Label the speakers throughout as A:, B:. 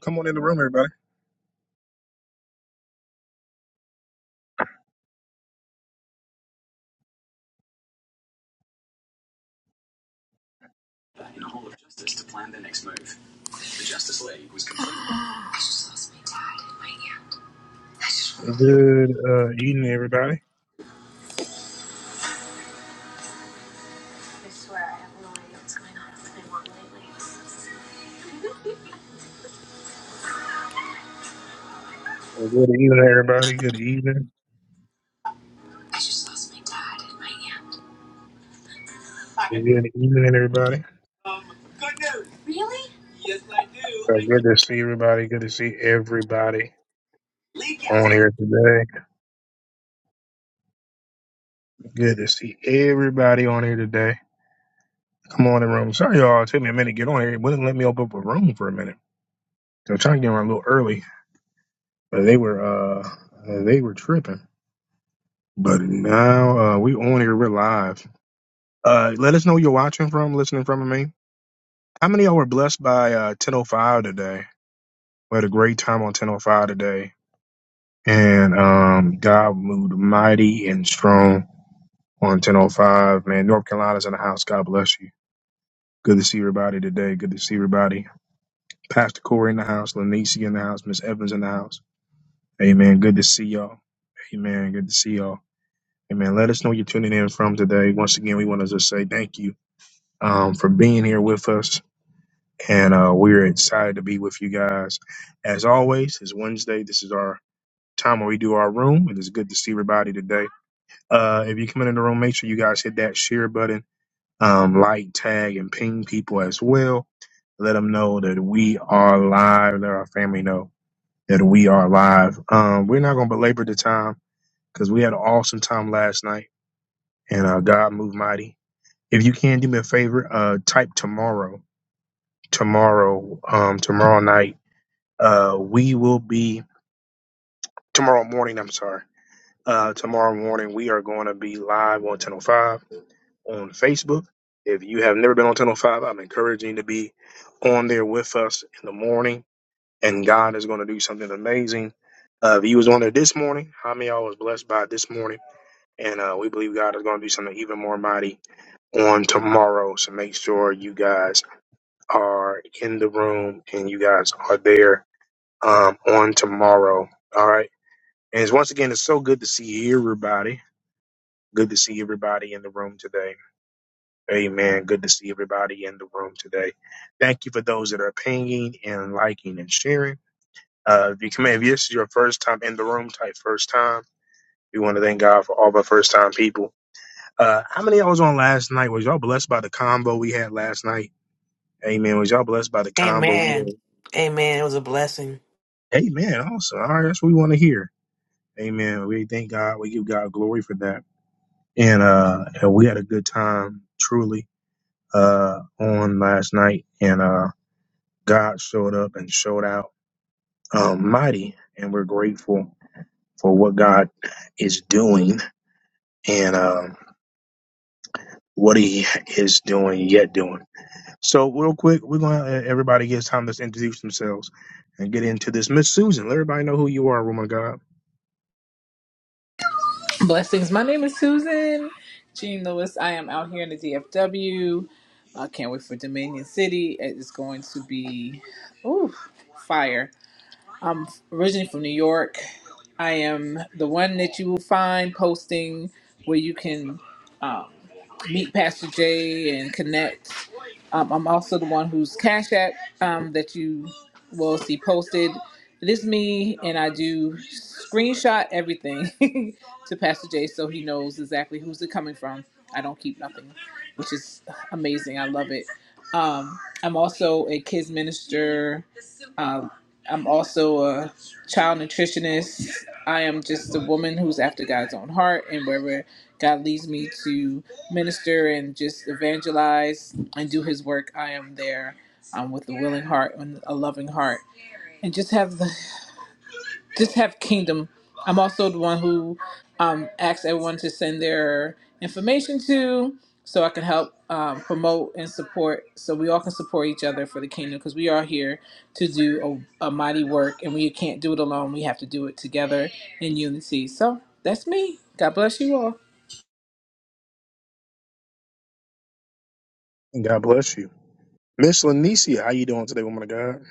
A: Come on in the room, everybody. Good uh, evening, everybody. Good evening, everybody. Good evening.
B: pocket.
A: Good evening, everybody.
B: Um, good news. Yes, I do.
A: Uh,
B: I just
A: good to see everybody. Good to see everybody
B: leak out.
A: on here today. Good to see everybody on here today. Come on in the room. Sorry, y'all. It took me a minute to get on here. It wouldn't let me open up a room for a minute. I was trying to get on a little early, but they were uh uh, they were tripping. But now uh, we on here. We're live. Uh, let us know where you're watching from, listening from, I mean. How many of y'all were blessed by uh, 1005 today? We had a great time on 1005 today. And um, God moved mighty and strong on 1005. Man, North Carolina's in the house. God bless you. Good to see everybody today. Good to see everybody. Pastor Corey in the house, Lanisi in the house, Miss Evans in the house. Amen. Good to see y'all. Amen. Good to see y'all. Amen. Let us know you're tuning in from today. Once again, we want to just say thank you um, for being here with us. And uh, we're excited to be with you guys. As always, it's Wednesday. This is our time where we do our room. It is good to see everybody today. Uh, if you come in the room, make sure you guys hit that share button, um, like, tag, and ping people as well. Let them know that we are live. Let our family know that we are live. Um, we're not going to belabor the time because we had an awesome time last night and uh, God moved mighty. If you can do me a favor, uh, type tomorrow, tomorrow, um, tomorrow night. Uh, we will be tomorrow morning. I'm sorry. Uh, tomorrow morning, we are going to be live on 1005 on Facebook. If you have never been on 1005, I'm encouraging you to be on there with us in the morning, and God is going to do something amazing. Uh, if you was on there this morning, how many of y'all was blessed by it this morning? And uh, we believe God is going to do something even more mighty on tomorrow. So make sure you guys are in the room and you guys are there um, on tomorrow. All right. And it's, once again, it's so good to see everybody. Good to see everybody in the room today. Amen. Good to see everybody in the room today. Thank you for those that are pinging and liking and sharing. Uh, if you come in, if this is your first time in the room, type first time. We want to thank God for all the first time people. Uh, how many I was on last night? Was y'all blessed by the combo we had last night? Amen. Was y'all blessed by the combo
C: Amen.
A: we
C: Amen. It was a blessing.
A: had? Amen. Awesome. All right. That's what we want to hear. Amen. We thank God. We give God glory for that. And, uh, and we had a good time, truly uh, on last night, and uh, God showed up and showed out um, mighty, and we're grateful for what God is doing and um, what He is doing yet doing. So, real quick, we're gonna let everybody get time to introduce themselves and get into this. Miss Susan, let everybody know who you are, woman of God,
B: Blessings. My name is Susan Jean Lewis. I am out here in the DFW. I can't wait for Dominion City. It is going to be, ooh, fire. I'm originally from New York. I am the one that you will find posting where you can um, meet Pastor Jay and connect. Um, I'm also the one whose Cash App um, that you will see posted. It is me, and I do screenshot everything to Pastor Jay so he knows exactly who's it coming from. I don't keep nothing, which is amazing. I love it. Um, I'm also a kids minister. Um, I'm also a child nutritionist. I am just a woman who's after God's own heart, and wherever God leads me to minister and just evangelize and do his work, I am there um, with a willing heart and a loving heart, and just have the just have kingdom. I'm also the one who um, asks everyone to send their information to, so I can help um, promote and support, so we all can support each other for the kingdom, because we are here to do a, a mighty work, and we can't do it alone. We have to do it together in unity. So that's me. God bless you all.
A: and God bless you. Miss Lanicia, how you doing today, woman of God?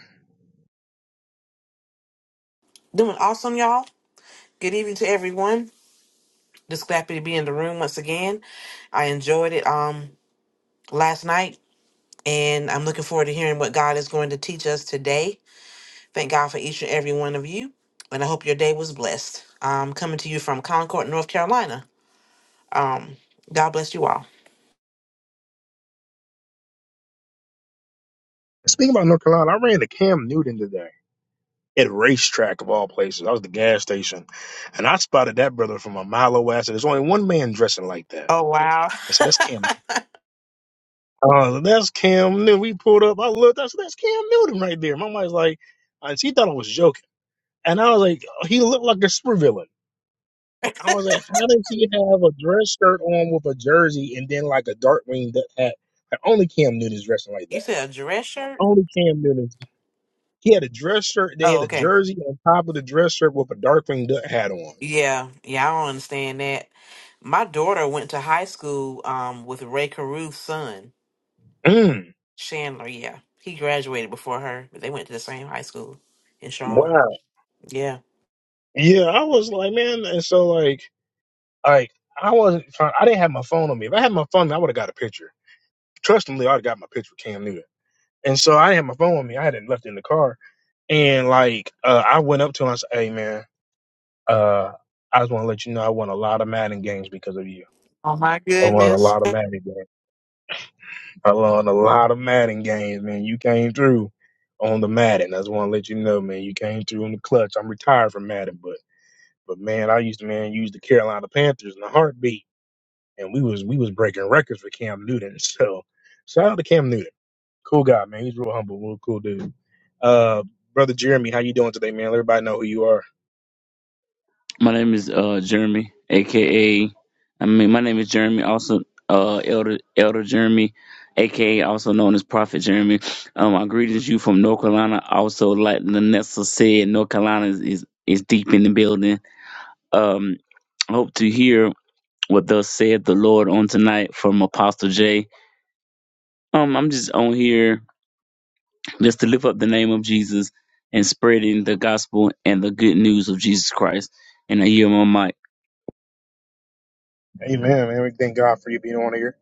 C: Doing awesome, y'all. Good evening to everyone. Just happy to be in the room once again. I enjoyed it um last night and I'm looking forward to hearing what God is going to teach us today. Thank God for each and every one of you. And I hope your day was blessed. Um coming to you from Concord, North Carolina. Um God bless you all.
A: Speaking about North Carolina, I ran to Cam Newton today. at racetrack of all places. I was at the gas station, and I spotted that brother from a mile away. I said, "There's only one man dressing like that."
C: Oh wow.
A: I said, "That's Cam." Uh, that's Cam Newton. We pulled up. I looked. I said, "That's Cam Newton right there." My wife's like, and she thought I was joking, and I was like, "He looked like a supervillain." I was like, "How does he have a dress shirt on with a jersey and then like a dark green du- hat?" Like, only Cam Newton is dressing like
C: you
A: that.
C: said a dress shirt?
A: Only Cam Newton. He had a dress shirt, then he had
C: Oh,
A: a
C: okay.
A: jersey on top of the dress shirt with a dark green du- hat on.
C: Yeah, yeah, I don't understand that. My daughter went to high school um with Ray Caruth's son,
A: Mm.
C: Chandler. Yeah, he graduated before her, but they went to the same high school in Charlotte.
A: Wow.
C: Yeah.
A: Yeah, I was like, man, and so like, like I wasn't trying. I didn't have my phone on me. If I had my phone, I would have got a picture. Trustingly, I'd have got my picture with Cam Newton. And so I didn't have my phone on me. I had it left in the car. And like, uh, I went up to him. I said, "Hey, man, uh, I just want to let you know I won a lot of Madden games because of you.
C: Oh my
A: I won a
C: goodness.
A: lot of Madden games. I won a lot of Madden games, man. You came through on the Madden. I just want to let you know, man. You came through in the clutch. I'm retired from Madden, but." But man, I used to man use the Carolina Panthers in a heartbeat, and we was we was breaking records for Cam Newton. So shout out to Cam Newton, cool guy, man. He's real humble, real cool dude. Uh, brother Jeremy, how you doing today, man? Let everybody know who you are.
D: My name is uh Jeremy, aka I mean my name is Jeremy, also uh Elder Elder Jeremy, aka also known as Prophet Jeremy. Um I greetings you from North Carolina. Also like Lanessa said, North Carolina is, is is deep in the building. Um I hope to hear what thus said the Lord on tonight from Apostle J. Um I'm just on here just to lift up the name of Jesus and spreading the gospel and the good news of Jesus Christ. And I hear my mic.
A: Amen, man. We thank God for you being on here.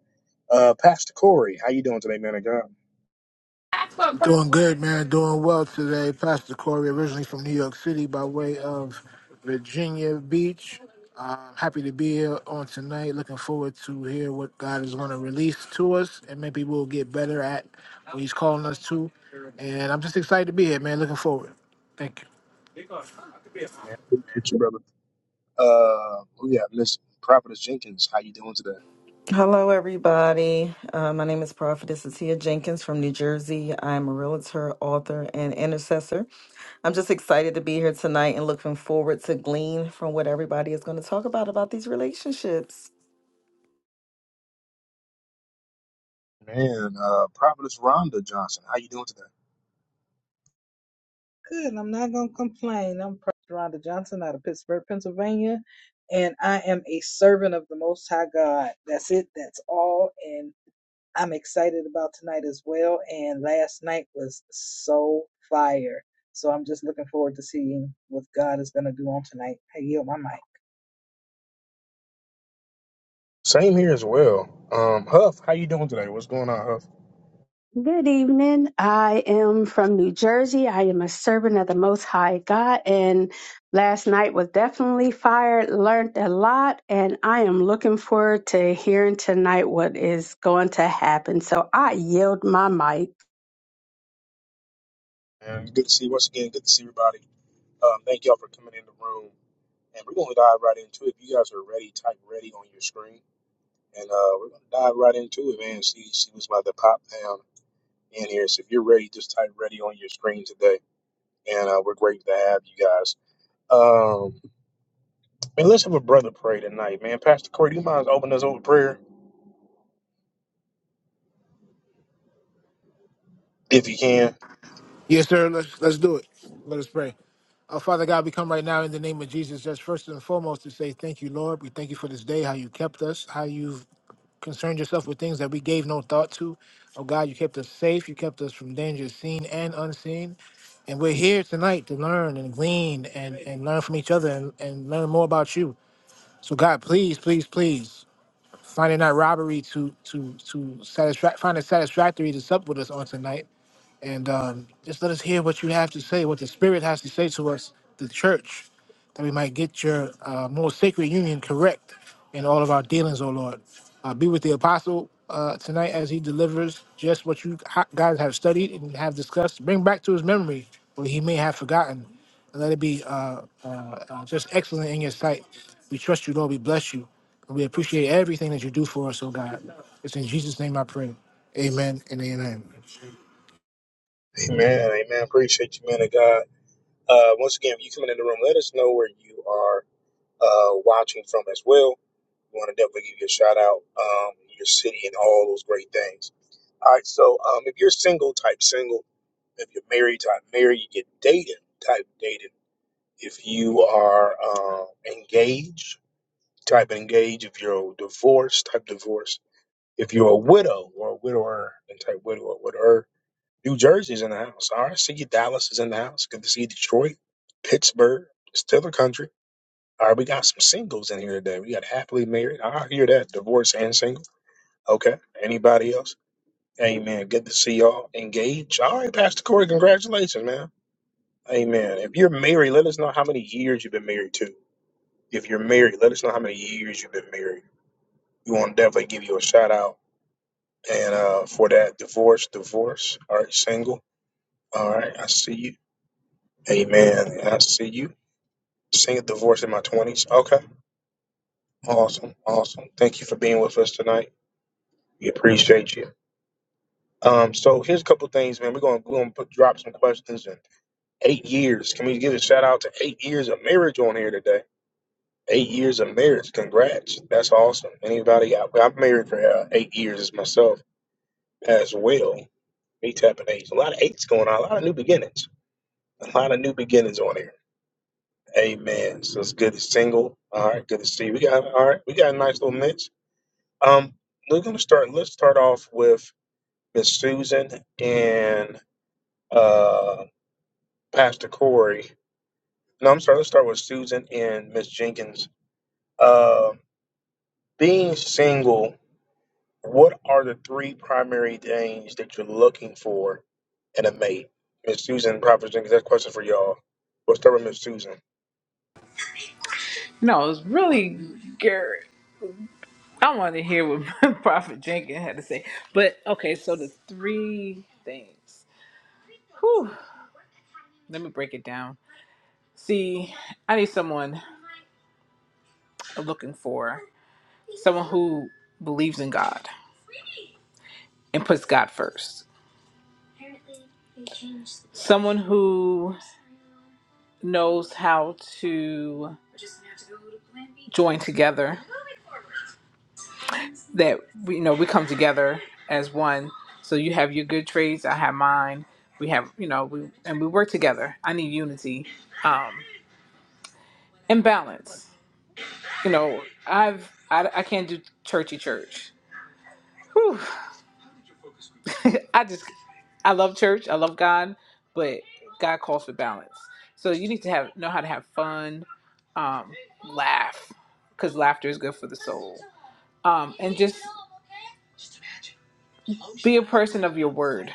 A: Uh, Pastor Corey, how you doing today, man? of God,
E: Doing good, man. Doing well today. Pastor Corey, originally from New York City by way of Virginia Beach. Uh, happy to be here on tonight. Looking forward to hear what God is going to release to us, and maybe we'll get better at what He's calling us to. And I'm just excited to be here, man. Looking forward. Thank you.
A: man. Thank you, brother. Uh, oh yeah, Miss Prophetess Jenkins, how you doing today?
F: Hello, everybody. Uh, my name is Prophetess Atia Jenkins from New Jersey. I'm a realtor, author, and intercessor. I'm just excited to be here tonight and looking forward to glean from what everybody is going to talk about about these relationships.
A: Man, uh, Prophetess Rhonda Johnson, how you doing today?
G: Good. I'm not going to complain. I'm Prophet Rhonda Johnson out of Pittsburgh, Pennsylvania, and I am a servant of the Most High God. That's it. That's all. And I'm excited about tonight as well. And last night was so fire. So I'm just looking forward to seeing what God is going to do on tonight. I yield my mic.
A: Same here as well. Um, Huff, how you doing today? What's going on, Huff?
H: Good evening. I am from New Jersey. I am a servant of the Most High God, and last night was definitely fire. Learned a lot, and I am looking forward to hearing tonight what is going to happen. So I yield my mic.
A: And good to see once again. Good to see everybody. Um, thank y'all for coming in the room. And we're going to dive right into it. If you guys are ready, type ready on your screen. And uh, we're going to dive right into it, man. See, see what's about to pop down in here. So if you're ready, just type ready on your screen today. And uh, we're grateful to have you guys. Um, man, let's have a brother pray tonight, man. Pastor Corey, do you mind opening us up with prayer if you can?
E: Yes, sir. Let's let's do it. Let us pray. Our Father God, we come right now in the name of Jesus, just first and foremost to say thank you, Lord. We thank you for this day, how you kept us, how you've concerned yourself with things that we gave no thought to. Oh God, you kept us safe. You kept us from dangers seen and unseen. And we're here tonight to learn and glean and, and learn from each other and, and learn more about you. So God, please, please, please, find it not robbery to to to satisfy find it satisfactory to sup with us on tonight and um, just let us hear what you have to say, what the Spirit has to say to us, the church, that we might get your uh, more sacred union correct in all of our dealings, O Lord. Uh, be with the apostle uh, tonight as he delivers just what you ha- guys have studied and have discussed. Bring back to his memory what he may have forgotten, and let it be uh, uh, uh, just excellent in your sight. We trust you, Lord. We bless you. And we appreciate everything that you do for us, O God. It's in Jesus' name I pray. Amen and amen.
A: Amen. Amen. Appreciate you, man of God. Uh, once again, if you coming in the room, let us know where you are uh, watching from as well. We want to definitely give you a shout out, um, your city, and all those great things. All right, so um, if you're single, type single. If you're married, type married. You get dating, type dating. If you are uh, engaged, type engaged. If you're divorced, type divorce. If you're a widow or a widower, then type widow or widower. New Jersey's in the house. All right, see you. Dallas is in the house. Good to see you. Detroit, Pittsburgh, still the country. All right, we got some singles in here today. We got happily married. I hear that. Divorce and single. Okay. Anybody else? Amen. Good to see y'all engaged. All right, Pastor Corey, congratulations, man. Amen. If you're married, let us know how many years you've been married to. If you're married, let us know how many years you've been married. We want to definitely give you a shout out. And uh, for that, divorce, divorce. All right, single. All right, I see you. Amen. I see you. Single divorce in my 20s. Okay. Awesome. Awesome. Thank you for being with us tonight. We appreciate you. Um, so here's a couple things, man. We're gonna we're gonna put, drop some questions in eight years. Can we give a shout out to eight years of marriage on here today? Eight years of marriage. Congrats. That's awesome. Anybody out? I've married for uh, eight years myself as well. Me tapping age. A lot of eights going on. A lot of new beginnings. A lot of new beginnings on here. Amen. So it's good to single. All right. Good to see. You. We got all right. We got a nice little mix. Um, we're gonna start. Let's start off with Miss Susan and. uh, Pastor Corey. No, I'm sorry. Let's start with Susan and Miss Jenkins. Uh, being single, what are the three primary things that you're looking for in a mate? Miss Susan, Prophet Jenkins, that question for y'all. We'll start with Miss Susan.
B: No, it's really good. I want to hear what Prophet Jenkins had to say. But okay, so the three things. Whew. Let me break it down. See, I need someone I'm looking for someone who believes in God and puts God first. Someone who knows how to join together. That we- you know we come together as one. So you have your good traits, I have mine. We have you know we and we work together. I need unity. Um, and balance. You know, I've I, I can't do churchy church. Whew. I just I love church. I love God, but God calls for balance. So you need to have know how to have fun, um, laugh, because laughter is good for the soul. Um, and just be a person of your word.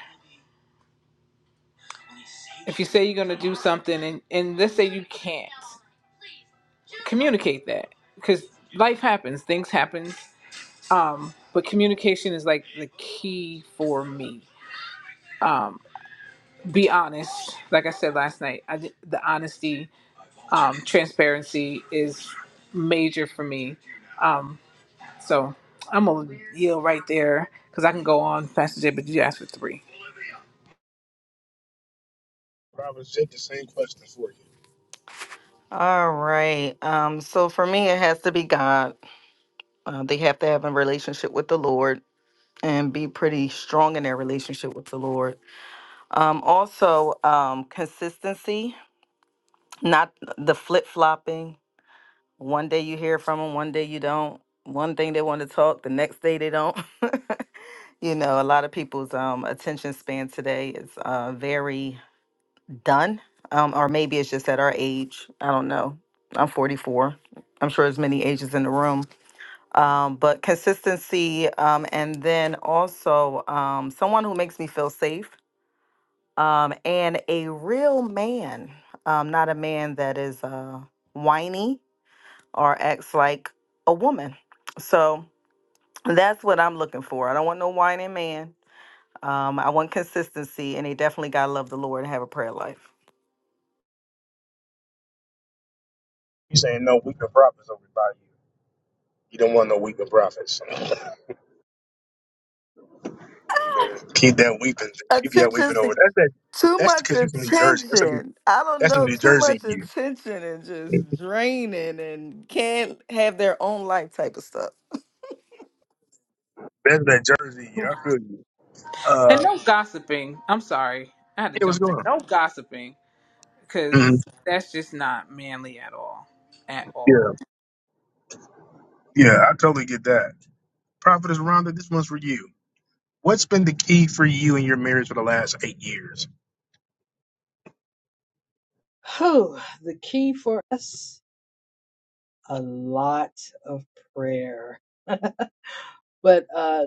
B: If you say you're gonna do something, and and let's say you can't, communicate that because life happens, things happen. Um, but communication is like the key for me be honest like i said last night I, di- the honesty um transparency is major for me um so i'm gonna yield right there because i can go on pastor j but you asked for three
A: Prophet Jenkins, same question for you.
F: All right. Um, so for me, it has to be God. Uh, they have to have a relationship with the Lord and be pretty strong in their relationship with the Lord. Um, also, um, consistency, not the flip flopping One day you hear from them, one day you don't. One thing they want to talk, the next day they don't. you know, a lot of people's um, attention span today is uh, very done, um, or maybe it's just at our age. I don't know. I'm 44. I'm sure there's many ages in the room. Um, but consistency, um, and then also um, someone who makes me feel safe, um, and a real man, um, not a man that is uh, whiny or acts like a woman. So that's what I'm looking for. I don't want no whining man. Um, I want consistency, and they definitely gotta love the Lord and have a prayer life.
A: You saying no weeping prophets over by you. You don't want no weeping prophets. You know, keep that weeping. Keep that
F: Attention,
A: weeping over.
F: se-
A: That's that.
F: too
A: That's
F: much
A: because you from New Jersey. That's a,
F: attention. I don't
A: that's a
F: know,
A: New
F: too
A: Jersey in
F: much
A: you.
F: attention and just draining and can't have their own life type of stuff.
A: That's that Jersey. I feel you.
B: and
A: Uh,
B: no gossiping i'm sorry i had to
A: yeah, what's
B: jump in
A: going on?
B: no gossiping
A: hmm
B: because that's just not manly at all at all
A: Yeah, yeah, I totally get that. Prophet is Rhonda. This one's for you. What's been the key for you in your marriage for the last eight years?
G: Oh, the key for us a lot of prayer. but uh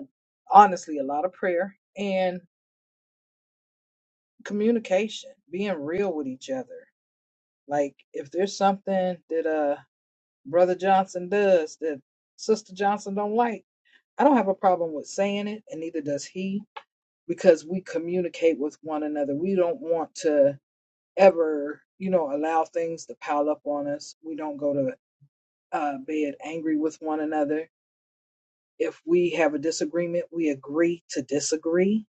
G: honestly, a lot of prayer. and. communication, being real with each other. Like if there's something that uh brother Johnson does that sister Johnson don't like, I don't have a problem with saying it, and neither does he, because we communicate with one another. We don't want to ever, you know, allow things to pile up on us. We don't go to uh, bed angry with one another. If we have a disagreement, we agree to disagree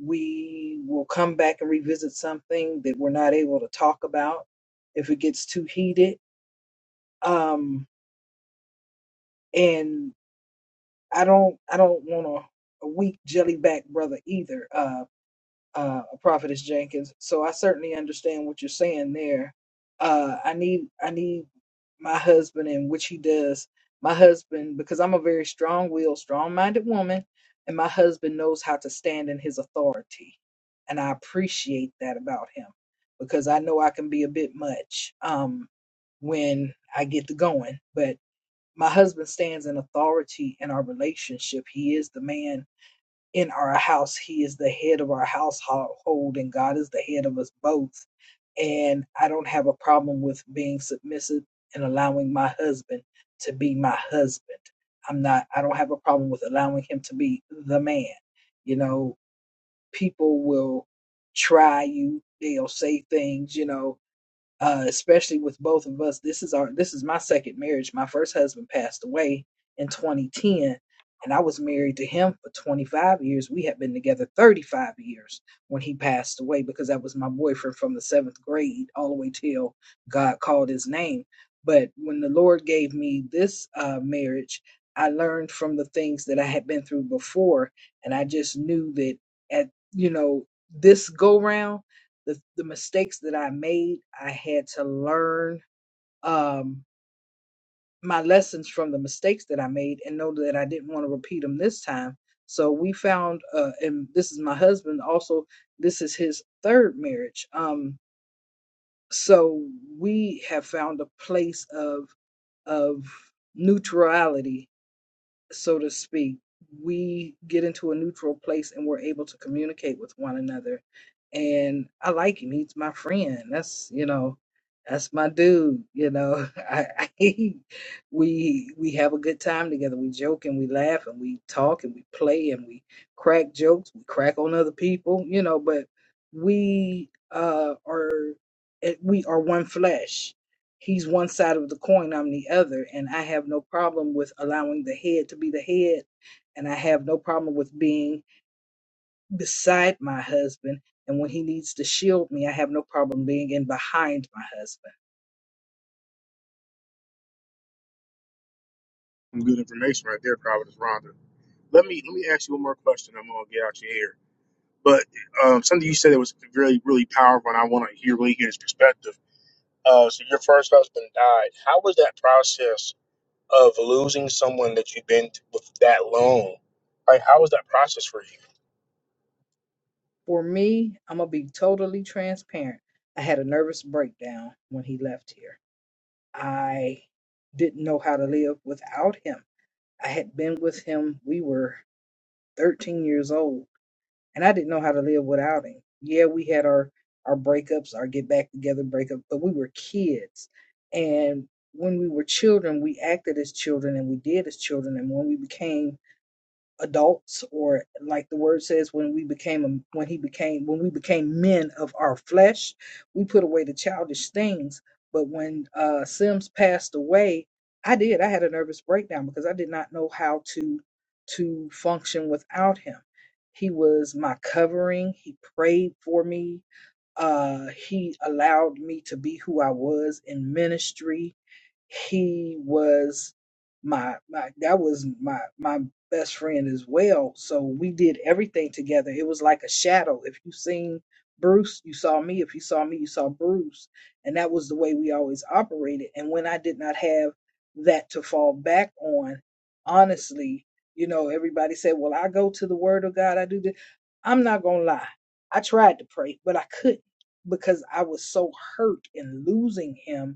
G: We will come back and revisit something that we're not able to talk about if it gets too heated. Um, and I don't, I don't want a, a weak jelly back brother either. Uh, uh, Prophetess Jenkins. So I certainly understand what you're saying there. Uh, I need I need my husband and which he does. My husband because I'm a very strong-willed, strong-minded woman, and my husband knows how to stand in his authority, and I appreciate that about him because I know I can be a bit much um, when I get to going, but. My husband stands in authority in our relationship. He is the man in our house. He is the head of our household, and God is the head of us both. And I don't have a problem with being submissive and allowing my husband to be my husband. I'm not, I don't have a problem with allowing him to be the man. You know, people will try you, they'll say things, you know, uh, especially with both of us. This is our this is my second marriage. My first husband passed away in 2010, and I was married to him for 25 years. We had been together 35 years when he passed away because that was my boyfriend from the seventh grade all the way till God called his name. But when the Lord gave me this uh, marriage, I learned from the things that I had been through before, and I just knew that at you know this go round the the mistakes that I made, I had to learn um, my lessons from the mistakes that I made and know that I didn't want to repeat them this time. So we found, uh, and this is my husband. Also, this is his third marriage. Um, so we have found a place of of neutrality so to speak, we get into a neutral place and we're able to communicate with one another. And I like him. He's my friend. That's you know, that's my dude. You know, I, I we we have a good time together. We joke and we laugh and we talk and we play and we crack jokes. We crack on other people. You know, but we uh are it- we are one flesh He's one side of the coin, I'm the other, and I have no problem with allowing the head to be the head, and I have no problem with being beside my husband. And when he needs to shield me, I have no problem being in behind my husband.
A: Some good information right there, Prophet is Rhonda. Let me let me ask you one more question. I'm gonna get out your ear. But um, something you said that was really really powerful, and I want to hear really hear his perspective. Uh, so your first husband died. How was that process of losing someone that you've been t- with that long? Like, how was that process for you?
G: For me, I'm gonna be totally transparent. I had a nervous breakdown when he left here. I didn't know how to live without him. I had been with him, we were 13 years old and I didn't know how to live without him. Yeah, we had our our breakups, our get back together breakup, but we were kids, and when we were children, we acted as children and we did as children, and when we became adults or like the word says when we became when he became when we became men of our flesh we put away the childish things but when uh sims passed away i did i had a nervous breakdown because i did not know how to to function without him he was my covering he prayed for me uh he allowed me to be who i was in ministry he was my my that was my my best friend as well. So we did everything together. It was like a shadow. If you seen Bruce, you saw me. If you saw me, you saw Bruce. And that was the way we always operated. And when I did not have that to fall back on, honestly, you know, everybody said, Well, I go to the word of God, I do this. I'm not gonna lie. I tried to pray, but I couldn't because I was so hurt in losing him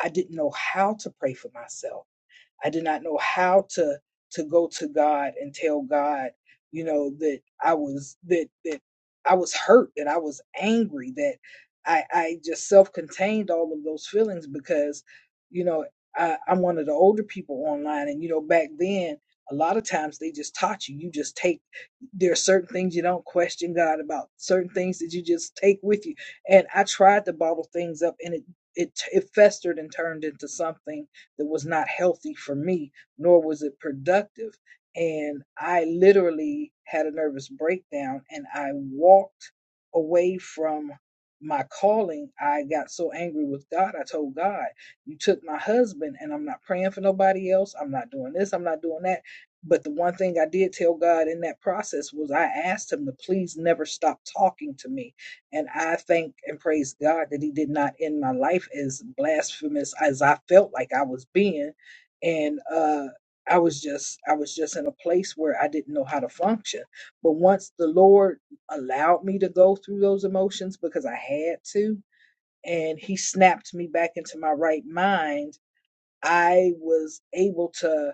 G: I didn't know how to pray for myself. I did not know how to to go to God and tell God, you know, that I was that that I was hurt, that I was angry, that I I just self-contained all of those feelings because, you know, I, I'm one of the older people online, and you know, back then a lot of times they just taught you. You just take there are certain things you don't question God about, certain things that you just take with you. And I tried to bottle things up, and it it it festered and turned into something that was not healthy for me, nor was it productive. And I literally had a nervous breakdown and I walked away from my calling. I got so angry with God. I told God, You took my husband, and I'm not praying for nobody else. I'm not doing this. I'm not doing that. But the one thing I did tell God in that process was I asked Him to please never stop talking to me and I thank and praise God that He did not end my life as blasphemous as I felt like I was being. And uh, I was just, I was just in a place where I didn't know how to function. But once the Lord allowed me to go through those emotions because I had to, and He snapped me back into my right mind I was able to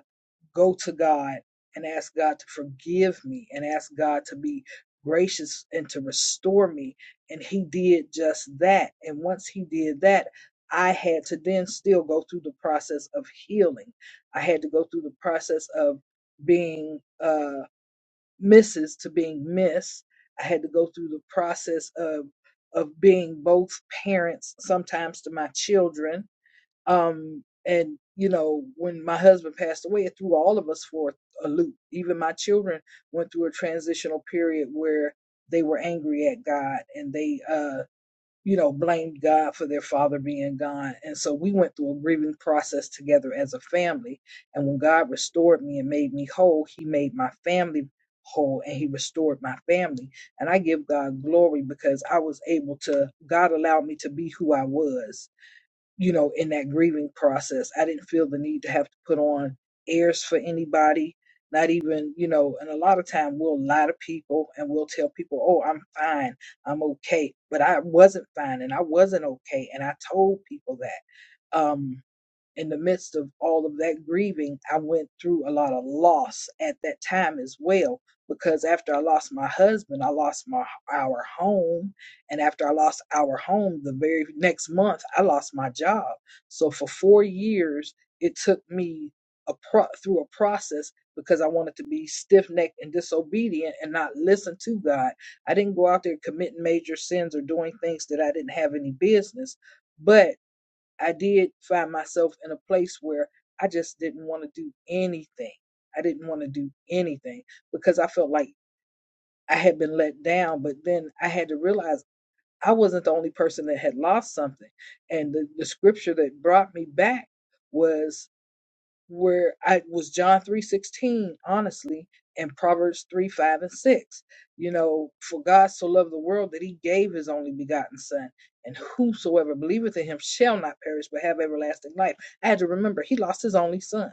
G: go to God and ask God to forgive me and ask God to be gracious and to restore me. And He did just that. And once He did that, I had to then still go through the process of healing. I had to go through the process of being uh, Mrs. to being Miss. I had to go through the process of of being both parents, sometimes to my children, um and you know when my husband passed away it threw all of us for a loop even my children went through a transitional period where they were angry at god and they uh you know blamed god for their father being gone and so we went through a grieving process together as a family and when god restored me and made me whole he made my family whole and he restored my family and i give god glory because i was able to god allowed me to be who i was you know, in that grieving process. I didn't feel the need to have to put on airs for anybody, not even, you know, and a lot of time we'll lie to people and we'll tell people, oh, I'm fine, I'm okay. But I wasn't fine and I wasn't okay. And I told people that. Um, in the midst of all of that grieving, I went through a lot of loss at that time as well. Because after I lost my husband, I lost my our home, and after I lost our home, the very next month I lost my job. So for four years, it took me a pro- through a process because I wanted to be stiff necked and disobedient and not listen to God. I didn't go out there committing major sins or doing things that I didn't have any business, but I did find myself in a place where I just didn't want to do anything. I didn't want to do anything because I felt like I had been let down. But then I had to realize I wasn't the only person that had lost something. And the, the scripture that brought me back was where I was John three sixteen, honestly, and Proverbs three five and six. You know, for God so loved the world that He gave His only begotten Son, and whosoever believeth in Him shall not perish but have everlasting life. I had to remember He lost His only Son.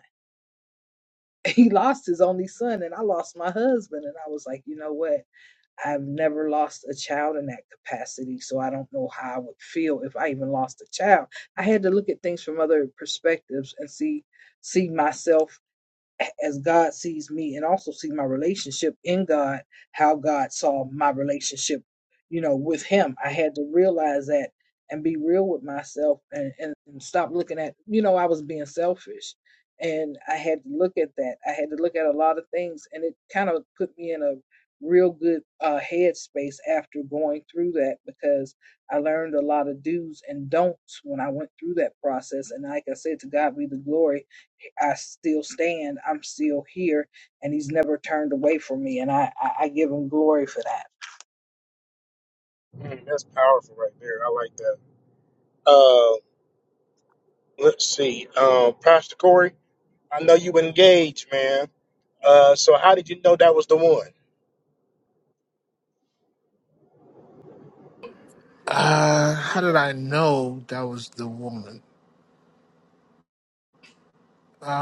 G: He lost His only Son, and I lost my husband, and I was like, you know what? I've never lost a child in that capacity, so I don't know how I would feel if I even lost a child. I had to look at things from other perspectives and see see myself as God sees me and also see my relationship in God, how God saw my relationship, you know, with Him. I had to realize that and be real with myself and, and, and stop looking at, you know, I was being selfish. And I had to look at that. I had to look at a lot of things, and it kind of put me in a real good uh, headspace after going through that because I learned a lot of do's and don'ts when I went through that process. And like I said, to God be the glory I still stand. I'm still here, and He's never turned away from me, and I I, I give Him glory for that.
A: Mm, that's powerful right there. I like that. Uh, let's see. Um, Pastor Corey, I know you engaged, man. Uh, so how did you know that was the one?
E: Uh, how did I know that was the woman?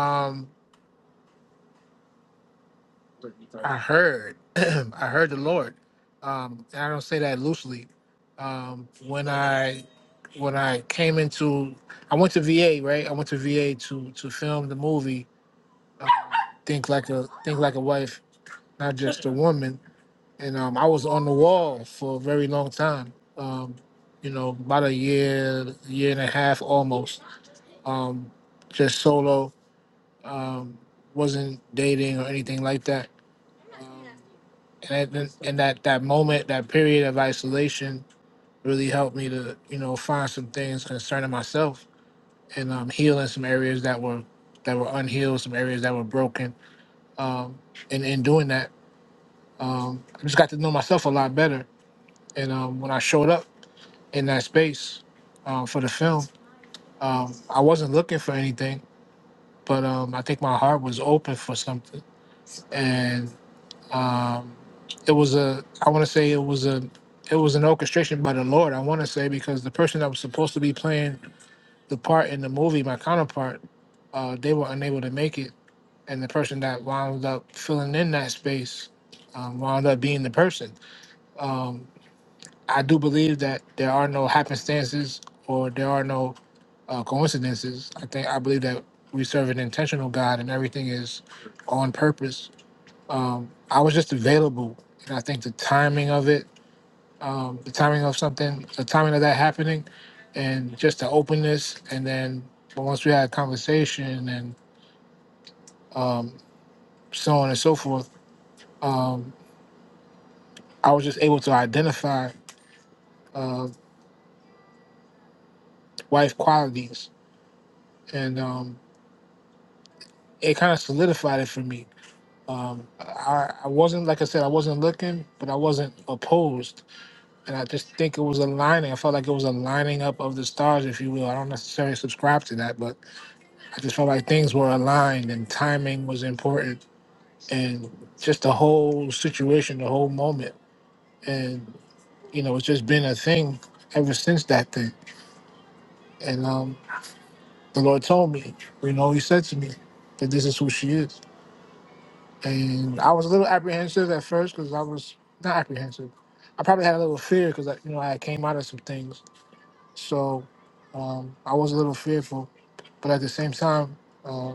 E: Um, I heard, I heard the Lord. Um, and I don't say that loosely. Um, when I, when I came into, I went to VA, right? I went to VA to to film the movie. Think like a think like a wife, not just a woman. And um, I was on the wall for a very long time. Um, you know, about a year, year and a half almost. Um, just solo. Um, wasn't dating or anything like that and it- and that that moment, that period of isolation, really helped me to you know find some things concerning myself and um, healing some areas that were that were unhealed, some areas that were broken, and in doing that, um, I just got to know myself a lot better. And um, when I showed up in that space um, for the film, um, I wasn't looking for anything, but um, I think my heart was open for something, and um, it was a I want to say it was a it was an orchestration by the Lord. I want to say because the person that was supposed to be playing the part in the movie, my counterpart, uh, they were unable to make it, and the person that wound up filling in that space um, wound up being the person. I do believe that there are no happenstances or there are no uh, coincidences. I think I believe that we serve an intentional God, and everything is on purpose. I was just available, and I think the timing of it um, the timing of something, the timing of that happening, and just the openness. And then once we had a conversation and so on and so forth, um, I was just able to identify uh, wife qualities, and um, it kind of solidified it for me. Um, I, I wasn't, like I said, I wasn't looking, but I wasn't opposed. And I just think it was aligning. I felt like it was a lining up of the stars, if you will. I don't necessarily subscribe to that, but I just felt like things were aligned and timing was important and just the whole situation, the whole moment. And, you know, it's just been a thing ever since that thing. And um, the Lord told me, you know, He said to me that this is who she is. And I was a little apprehensive at first because I was not apprehensive. I probably had a little fear because, you know, I had came out of some things. So um, I was a little fearful. But at the same time, uh,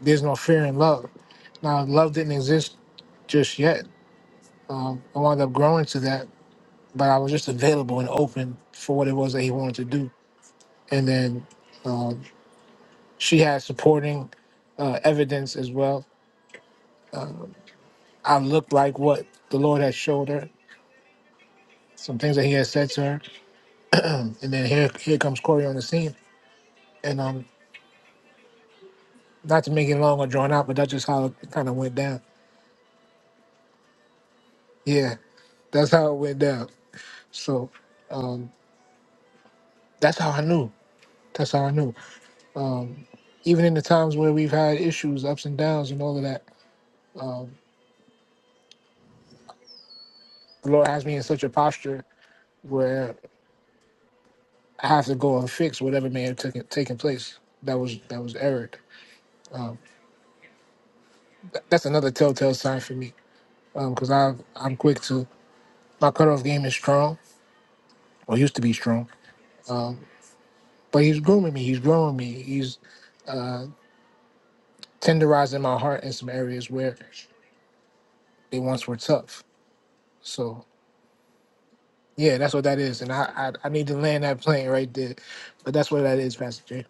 E: there's no fear in love. Now, love didn't exist just yet. Um, I wound up growing to that but I was just available and open for what it was that he wanted to do. And then um, she had supporting uh, evidence as well. I looked like what the Lord had showed her, some things that He had said to her. And then here, here comes Corey on the scene. And um, not to make it long or drawn out, but that's just how it kind of went down. Yeah, that's how it went down. So um, that's how I knew. That's how I knew. Even in the times where we've had issues, ups and downs, and all of that, the Lord has me in such a posture where I have to go and fix whatever may have taken taken place. That was that was errored. Th- That's another telltale sign for me because I I'm quick to my cutoff game is strong or used to be strong, but he's grooming me. He's growing me. He's tenderizing my heart in some areas where they once were tough. So yeah, that's what that is, and I I, I need to land that plane right there. But that's what that is, Pastor J.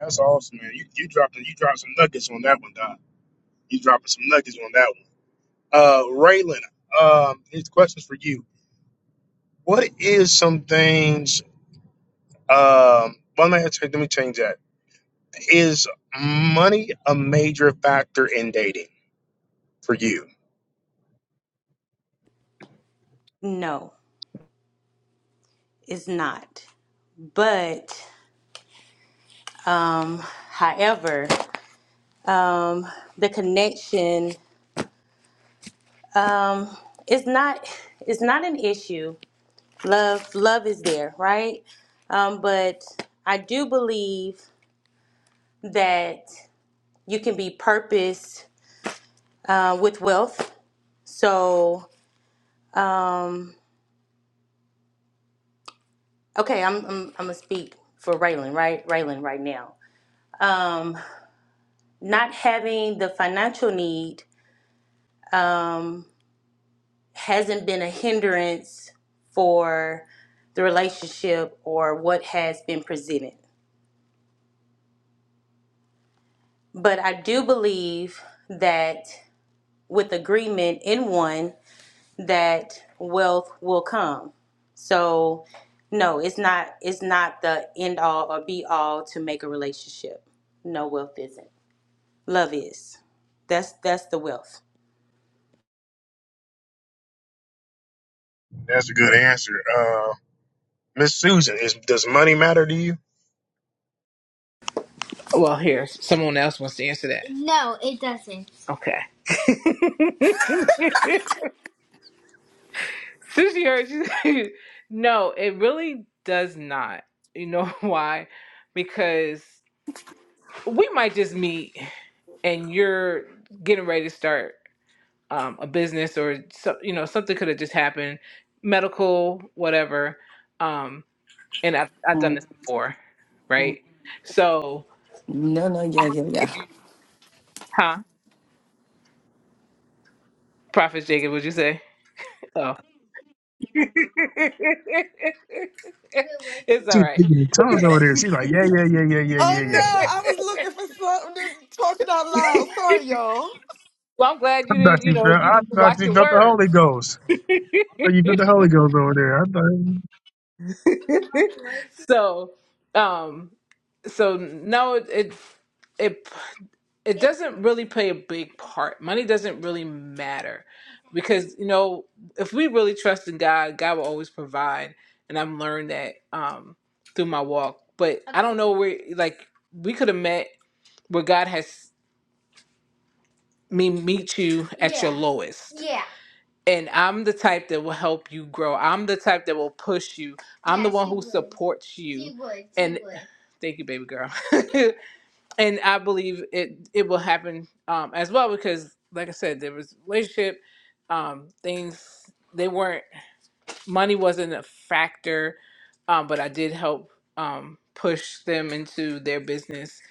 A: That's awesome, man. You you dropped you dropped some nuggets on that one, Doc. You dropping some nuggets on that one. Uh, Raylan, um, his question's for you. What is some things? Um, well, let me ask- let me change that. Is money a major factor in dating for you?
I: No, it's not. But um, however, um, the connection is not It's not an issue. Love love is there, right? Um, but I do believe that you can be purpose uh, with wealth. So um, okay, I'm, I'm I'm gonna speak for Raylan, right? Raylan, right now. Um, not having the financial need. Um, hasn't been a hindrance for the relationship or what has been presented. But I do believe that with agreement in one that wealth will come. So no, it's not it's not the end all or be all to make a relationship. No wealth isn't. Love is. That's that's the wealth.
A: That's a good answer. Uh, Miss Susan, is does money matter to you?
B: well here someone else wants to answer that okay Sushi she heard, she no, it really does not. You know why? Because we might just meet and you're getting ready to start um, a business or so, you know something could have just happened, medical, whatever. Um, and I've, I've done
F: Mm,
B: this before,
F: mm.
B: right? So
F: No, no,
B: I
F: yeah,
B: have
F: yeah,
B: to give
F: yeah.
B: you, huh? Prophet Jacob, would you say? Oh, it's
A: She
B: all
A: was
B: right.
A: speaking in tongues over there. She's like, yeah, yeah, yeah, yeah, yeah,
F: Oh
A: yeah, yeah.
F: no, I was looking for something to talking out loud. Sorry, y'all.
B: Well, I'm glad
A: I
B: you
A: thought
B: didn't, you
A: you
B: know,
A: felt, I
B: you
A: thought
B: watch
A: you
B: your
A: felt the
B: words.
A: Holy Ghost. I thought you felt the Holy Ghost over there. I thought.
B: so, um, so no, it it it it doesn't really play a big part. Money doesn't really matter because you know if we really trust in God, God will always provide, and I've learned that um through my walk. But I don't know where like we could have met where God has me meet you at your lowest. and I'm the type that will help you grow. I'm the type that will push you. I'm the Yes, one you who would. supports you. You would. you And would. thank you, baby girl. and I believe it it will happen um, as well because, like I said, there was relationship um, things. They weren't money wasn't a factor, um, but I did help um, push them into their business.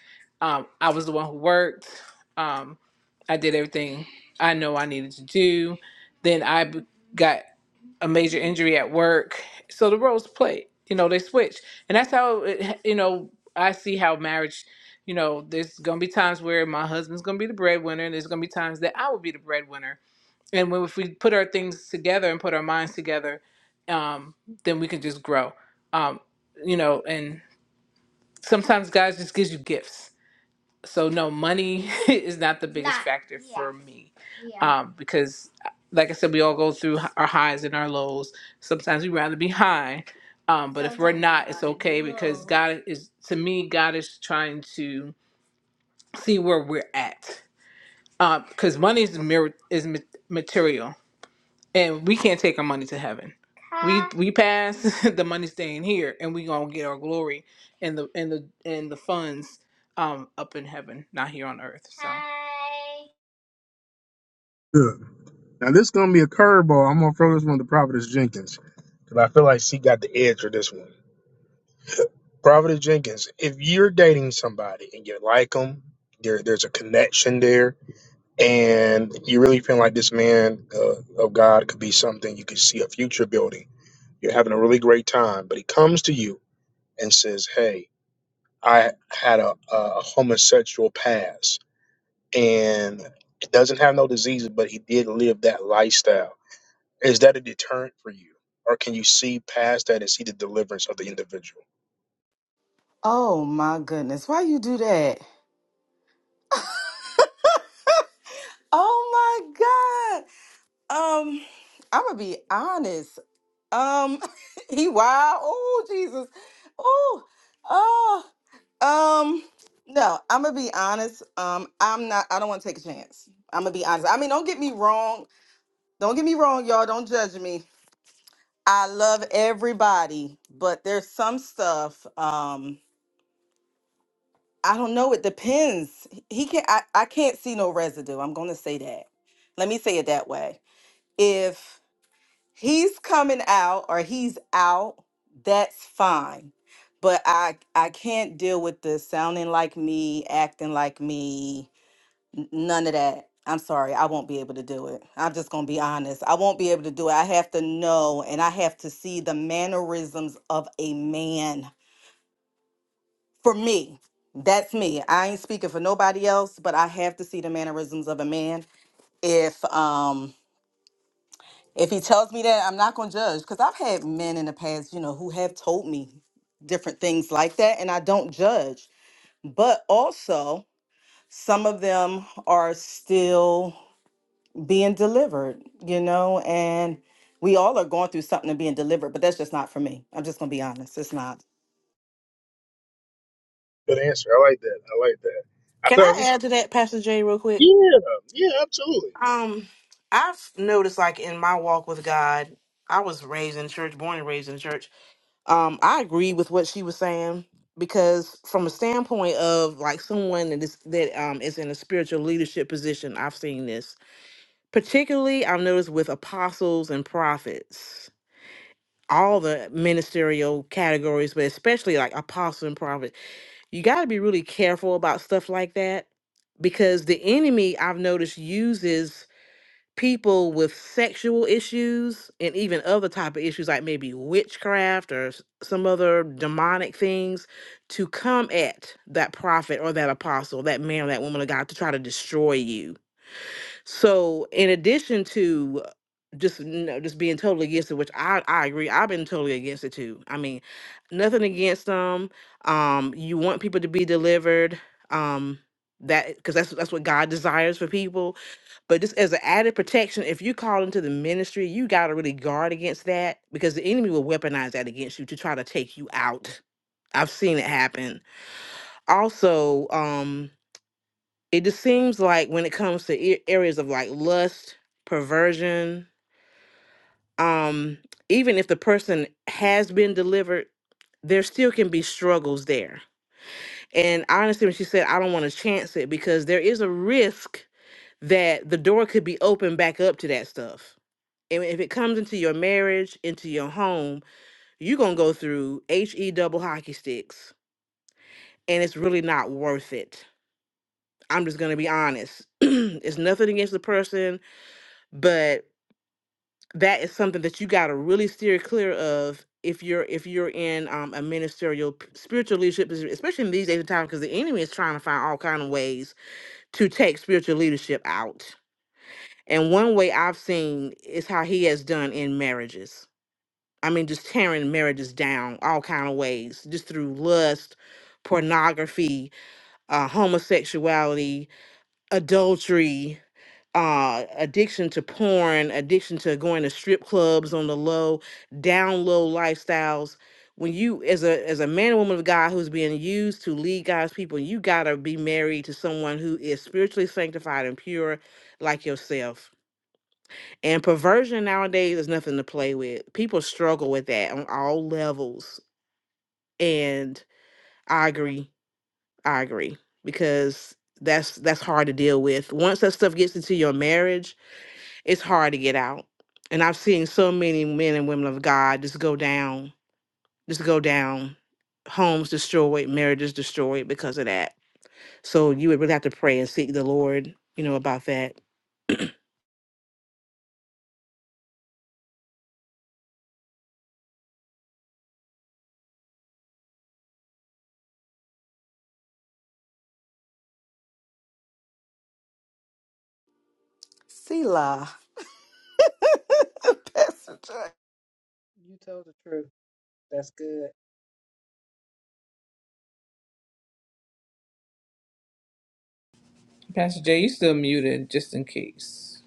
B: Um, I was the one who worked. Um, I did everything I know I needed to do. Then I b- got a major injury at work, so the roles play. You know, they switch, and that's how it, you know I see how marriage. You know, there's gonna be times where my husband's gonna be the breadwinner, and there's gonna be times that I will be the breadwinner and when, if we put our things together and put our minds together um, then we can just grow um, you know and sometimes god just gives you gifts so no money is not the biggest That- factor yeah. for yeah. me Yeah. um, because like i said we all go through h- our highs and our lows sometimes we'd rather be high um, but if we're Sometimes not we'd it's rather be okay because low. god is to me god is trying to see where we're at because money is, mir- is ma- material and we can't take our money to heaven. We we pass the money staying here, and we gonna get our glory and the and the and the funds um up in heaven, not here on earth. So,
A: Look, now this is gonna be a curveball. I'm gonna throw this one to Prophetess Jenkins because I feel like she got the edge for this one. Prophetess Jenkins, if you're dating somebody and you like them, there, there's a connection there, and you really feel like this man uh, of God could be something you could see a future building. You're having a really great time, but he comes to you and says, "Hey." I had a, a homosexual past, and it doesn't have no diseases, but he did live that lifestyle. Is that a deterrent for you, or can you see past that and see the deliverance of the individual?
F: Oh my goodness, why you do that? Oh my God. Um, I'm gonna be honest. Um, he wild. Oh Jesus. Oh, oh. Um, no. I'm gonna be honest. Um, I'm not. I don't want to take a chance. I'm gonna be honest. I mean, don't get me wrong. Don't get me wrong, y'all. Don't judge me. I love everybody, but there's some stuff. Um, I don't know. It depends. He can. not I. I can't see no residue. I'm gonna say that. Let me say it that way If he's coming out or he's out that's fine but i i can't deal with the sounding like me acting like me n- none of that i'm sorry i won't be able to do it i'm just gonna be honest i won't be able to do it i have to know and i have to see the mannerisms of a man for me that's me i ain't speaking for nobody else but i have to see the mannerisms of a man if um. if he tells me that, I'm not gonna judge because I've had men in the past, you know, who have told me different things like that, and I don't judge. But also, some of them are still being delivered, you know, and we all are going through something and being delivered, but that's just not for me. I'm just gonna be honest, it's not.
A: Good answer. I like that. I like that. I
C: Can I
A: thought,
C: add to that, Pastor Jay, real quick?
A: yeah, yeah, absolutely.
C: Um, I've noticed like in my walk with God, I was raised in church, born and raised in church. Um, I agree with what she was saying because from a standpoint of like someone that is that um is in a spiritual leadership position, I've seen this particularly I've noticed with apostles and prophets, all the ministerial categories, but especially like apostle and prophet, you got to be really careful about stuff like that because the enemy I've noticed uses people with sexual issues and even other type of issues like maybe witchcraft or s- some other demonic things to come at that prophet or that apostle that man or that woman of god to try to destroy you so, in addition to just you know, just being totally against it, which I I agree, I've been totally against it too. I mean, nothing against them. Um, you want people to be delivered. Um, that because that's that's what God desires for people. But just as an added protection, if you call into the ministry, you got to really guard against that because the enemy will weaponize that against you to try to take you out. I've seen it happen. Also, um, it just seems like when it comes to a- areas of like lust, perversion, um, even if the person has been delivered, there still can be struggles there. And honestly, when she said, I don't want to chance it because there is a risk that the door could be opened back up to that stuff. And if it comes into your marriage, into your home, you're going to go through HE double hockey sticks and it's really not worth it. I'm just going to be honest. it's nothing against the person, but that is something that you got to really steer clear of if you're if you're in um, a ministerial p- spiritual leadership posi- especially in these days of time, because the enemy is trying to find all kind of ways to take spiritual leadership out and one way i've seen is how he has done in marriages i mean just tearing marriages down all kind of ways just through lust pornography uh, homosexuality adultery uh addiction to porn addiction to going to strip clubs on the low down low lifestyles when you as a as a man or woman of god who's being used to lead god's people you gotta be married to someone who is spiritually sanctified and pure like yourself and perversion nowadays is nothing to play with people struggle with that on all levels and i agree i agree because that's that's hard to deal with once that stuff gets into your marriage it's hard to get out. And I've seen so many men and women of God just go down, just go down, homes destroyed, marriages destroyed because of that. So you would really have to pray and seek the Lord, you know, about that.
F: Selah, Pastor Jay.
G: You told the truth. That's good.
B: Pastor Jay, you still muted just in case.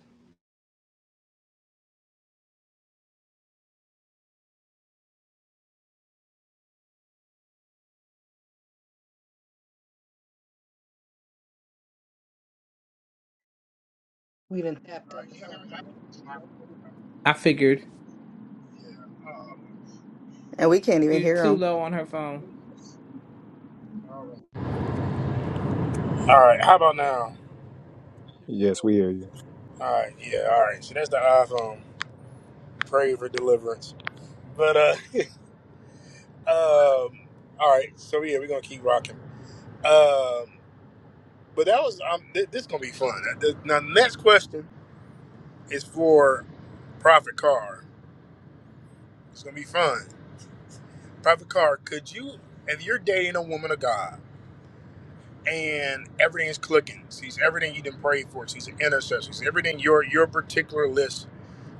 G: We done tapped
J: All right,
G: into
J: can you hear
G: something.
J: me?
B: I figured
J: Yeah. Um,
F: and we can't even
B: you're
F: hear him.
B: too low on her phone.
J: all right. All right, How about now?
K: Yes, we hear you.
J: All right. Yeah. All right. So that's the iPhone. Pray for deliverance. But uh, um, all right. So yeah, we're gonna keep rocking. Um, but that was um, th- this is gonna be fun. Uh, The, now, the next question is for Prophet Carr. It's gonna be fun. Prophet Carr, could you, if you're dating a woman of God and everything's clicking, she's everything you didn't pray for, she's an intercessor, she's everything your your particular list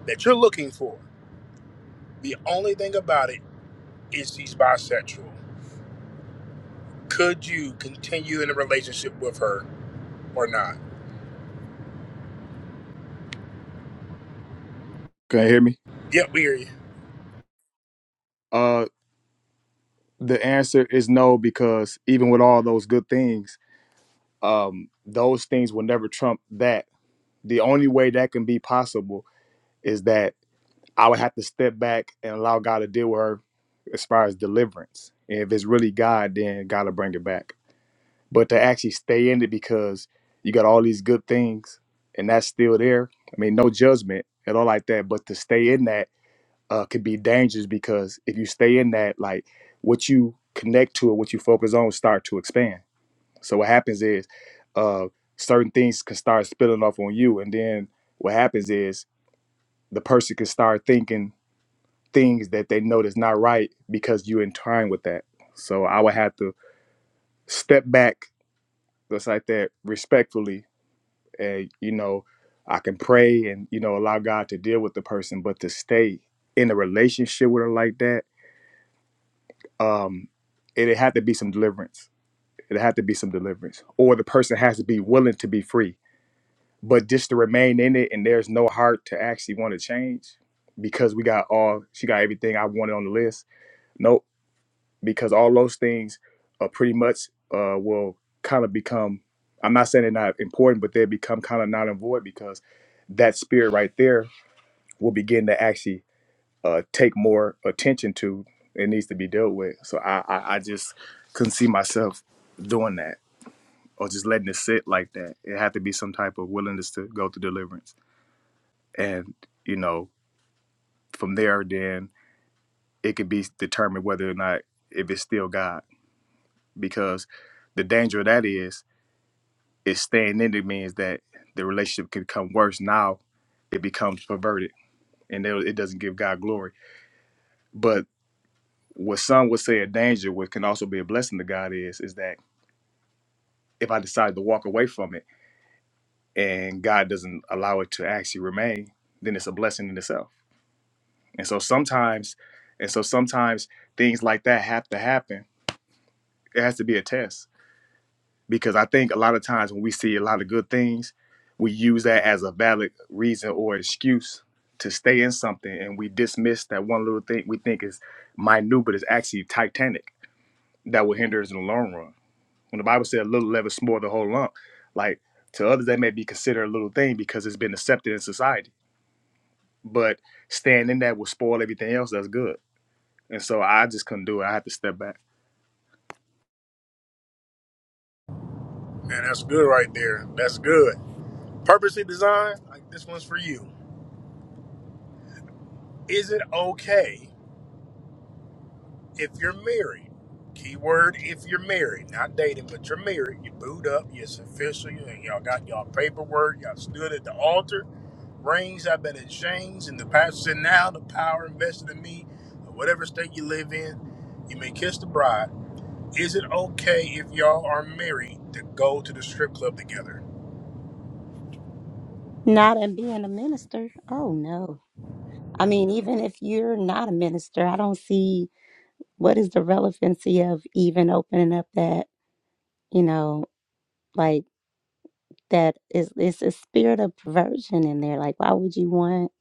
J: that you're looking for, the only thing about it is she's bisexual. Could you continue in a relationship with her or not?
K: Can you hear me?
J: Yep, we hear you.
K: Uh, the answer is no because even with all those good things, um, those things will never trump that. The only way that can be possible is that I would have to step back and allow God to deal with her as far as deliverance. And if it's really God, then God will bring it back. But to actually stay in it because you got all these good things and that's still there. I mean, no judgment at all like that. But to stay in that uh, could be dangerous because if you stay in that, like what you connect to and what you focus on start to expand. So what happens is uh, certain things can start spilling off on you, and then what happens is the person can start thinking things that they know that's not right because you in time with that. So I would have to step back just like that respectfully, and you know I can pray and you know allow God to deal with the person, but to stay in a relationship with her like that um, it, it had to be some deliverance. It had to be some deliverance, or the person has to be willing to be free. But just to remain in it, and there's no heart to actually want to change, because we got all she got everything I wanted on the list. Nope, because all those things are pretty much uh, will kind of become. I'm not saying they're not important, but they become kind of non and void because that spirit right there will begin to actually uh, take more attention to. It needs to be dealt with. So I, I, I just couldn't see myself doing that or just letting it sit like that. It had to be some type of willingness to go through deliverance. And, you know, from there, then it could be determined whether or not if it's still God. Because the danger of that is, is staying in it means that the relationship can become worse. Now it becomes perverted and it it doesn't give God glory. But what some would say a danger, what can also be a blessing to God is, is that if I decide to walk away from it and God doesn't allow it to actually remain, then it's a blessing in itself. And so sometimes, and so sometimes things like that have to happen. It has to be a test because I think a lot of times when we see a lot of good things, we use that as a valid reason or excuse to stay in something, and we dismiss that one little thing we think is minute, but it's actually titanic that will hinder us in the long run. When the Bible said a little leaven is the whole lump, like to others that may be considered a little thing because it's been accepted in society. But staying in that will spoil everything else that's good. And so I just couldn't do it. I had to step back.
J: Man, that's good right there. That's good. Purposely designed, like this one's for you. Is it okay if you're married? Keyword if you're married, not dating, but you're married, you booed up, it's official, you y'all got y'all paperwork, y'all stood at the altar Rings I've been in chains, and the pastor said, Now the power invested in me, or whatever state you live in, you may kiss the bride. Is it okay if y'all are married to go to the strip club together?
L: Not in being a minister. Oh no. I mean, even if you're not a minister, I don't see what is the relevancy of even opening up that, you know, like that is it's a spirit of perversion in there. Like why would you want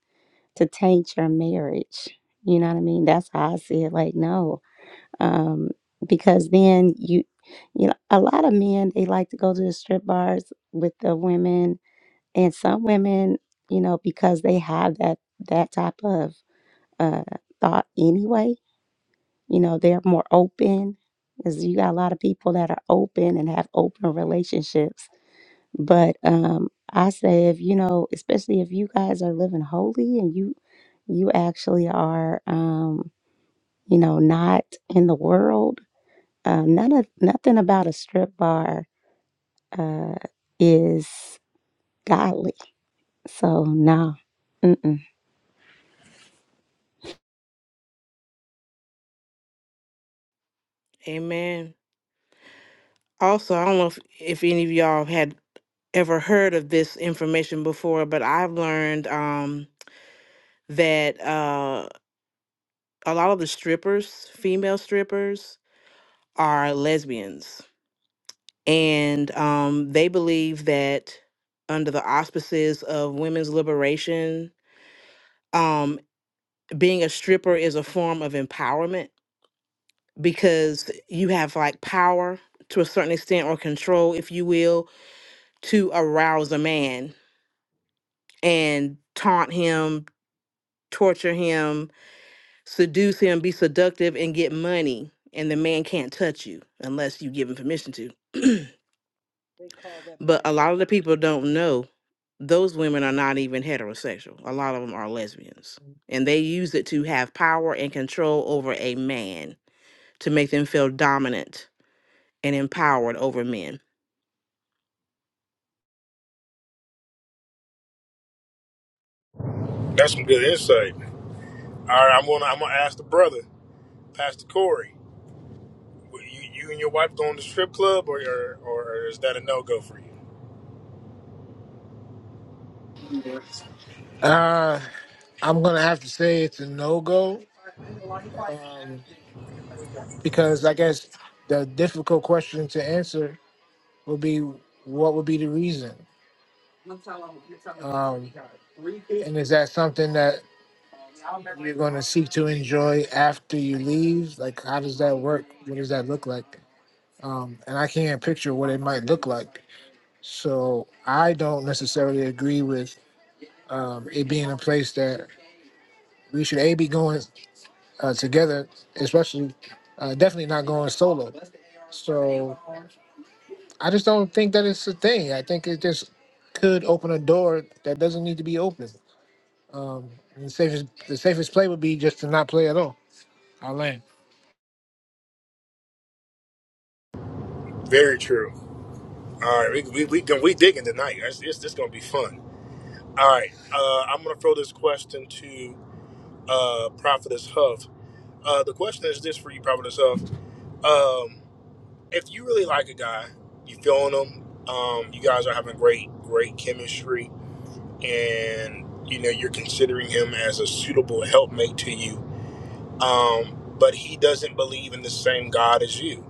L: to taint your marriage? You know what I mean? That's how I see it. Like, no. Um, because then you you know, a lot of men they like to go to the strip bars with the women and some women, you know, because they have that that type of uh, thought anyway. You know, they're more open because you got a lot of people that are open and have open relationships. But um, I say, if you know, especially if you guys are living holy and you you actually are, um, you know, not in the world. Um, none of nothing about a strip bar uh, is godly. So no, Mm-mm.
C: Amen. Also, I don't know if, if any of y'all had ever heard of this information before, but I've learned um, that uh, a lot of the strippers, female strippers, are lesbians and um, they believe that under the auspices of women's liberation, um, being a stripper is a form of empowerment because you have like power to a certain extent or control, if you will, to arouse a man and taunt him, torture him, seduce him, be seductive, and get money. And the man can't touch you unless you give him permission to.
G: They call that
C: But a
G: being
C: lot of the
G: dominant.
C: people don't know those women are not even heterosexual. A lot of them are lesbians. And they use it to have power and control over a man to make them feel dominant and empowered over men.
J: That's some good insight. All right, I'm gonna I'm gonna ask the brother, Pastor Corey. were You, you and your wife going to the strip club, or or, or is that a no go for you?
E: Uh, I'm gonna have to say it's a no go because I guess the difficult question to answer would be what would be the reason? Um, and is that something that you're going to seek to enjoy after you leave? Like, how does that work? What does that look like? Um, and I can't picture what it might look like. So I don't necessarily agree with um, it being a place that we should a be going uh, together, especially uh, definitely not going solo. So I just don't think that it's a thing. I think it just could open a door that doesn't need to be open. And the safest the safest play would be just to not play at all. I'll land.
J: Very true. All right, we we we, gon- we digging tonight. It's, it's just gonna be fun. All right, uh, I'm gonna throw this question to uh, Prophetess Huff. Uh, the question is this for you, probably yourself. Um, if you really like a guy, you feeling him, um, you guys are having great, great chemistry, and you know you're considering him as a suitable helpmate to you. Um, but he doesn't believe in the same God as you.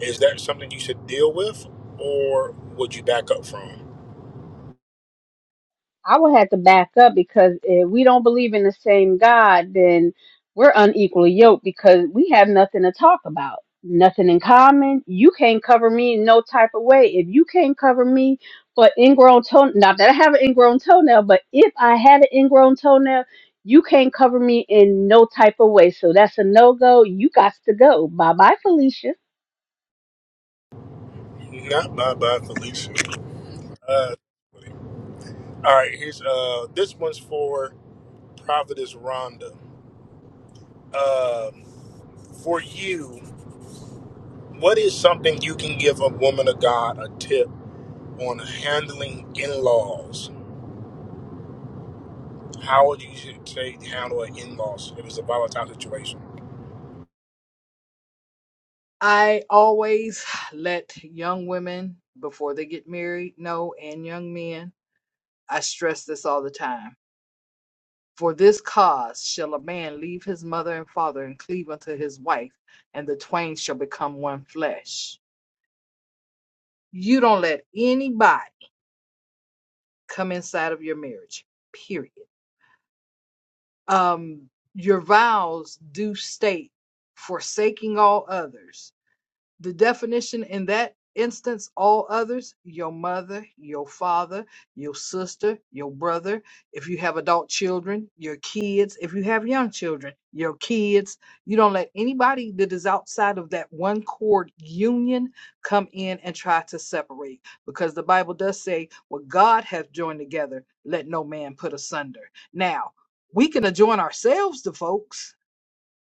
J: Is that something you should deal with, or would you back up from?
H: I would have to back up because if we don't believe in the same God, then we're unequally yoked because we have nothing to talk about, nothing in common. You can't cover me in no type of way. If you can't cover me for ingrown toe, not that I have an ingrown toenail, but if I had an ingrown toenail, you can't cover me in no type of way. So that's a no go. You got to go. Bye bye, Felicia.
J: Not my bad, Felicia. Uh, all right, here's uh, this one's for Providence Rhonda. Um for you. What is something you can give a woman of God a tip on handling in laws? How would you should say handle an in laws if it's a volatile situation?
G: I always let young women before they get married know, and young men. I stress this all the time. For this cause shall a man leave his mother and father and cleave unto his wife, and the twain shall become one flesh. you don't let anybody come inside of your marriage period um your vows do state forsaking all others the definition in that instance all others your mother your father your sister your brother if you have adult children your kids if you have young children your kids you don't let anybody that is outside of that one cord union come in and try to separate because the bible does say what god hath joined together let no man put asunder now we can adjoin ourselves to folks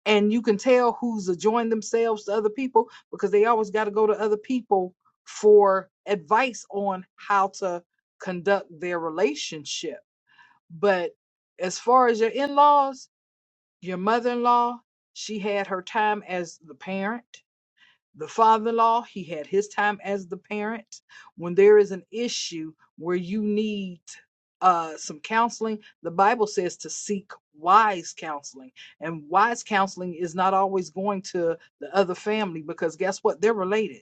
G: and you can tell who's adjoined themselves to other people because they always got to go to other people for advice on how to conduct their relationship. But as far as your in laws, your mother in law, she had her time as the parent the father-in-law he had his time as the parent when there is an issue where you need uh some counseling the bible says to seek wise counseling and wise counseling is not always going to the other family because guess what they're related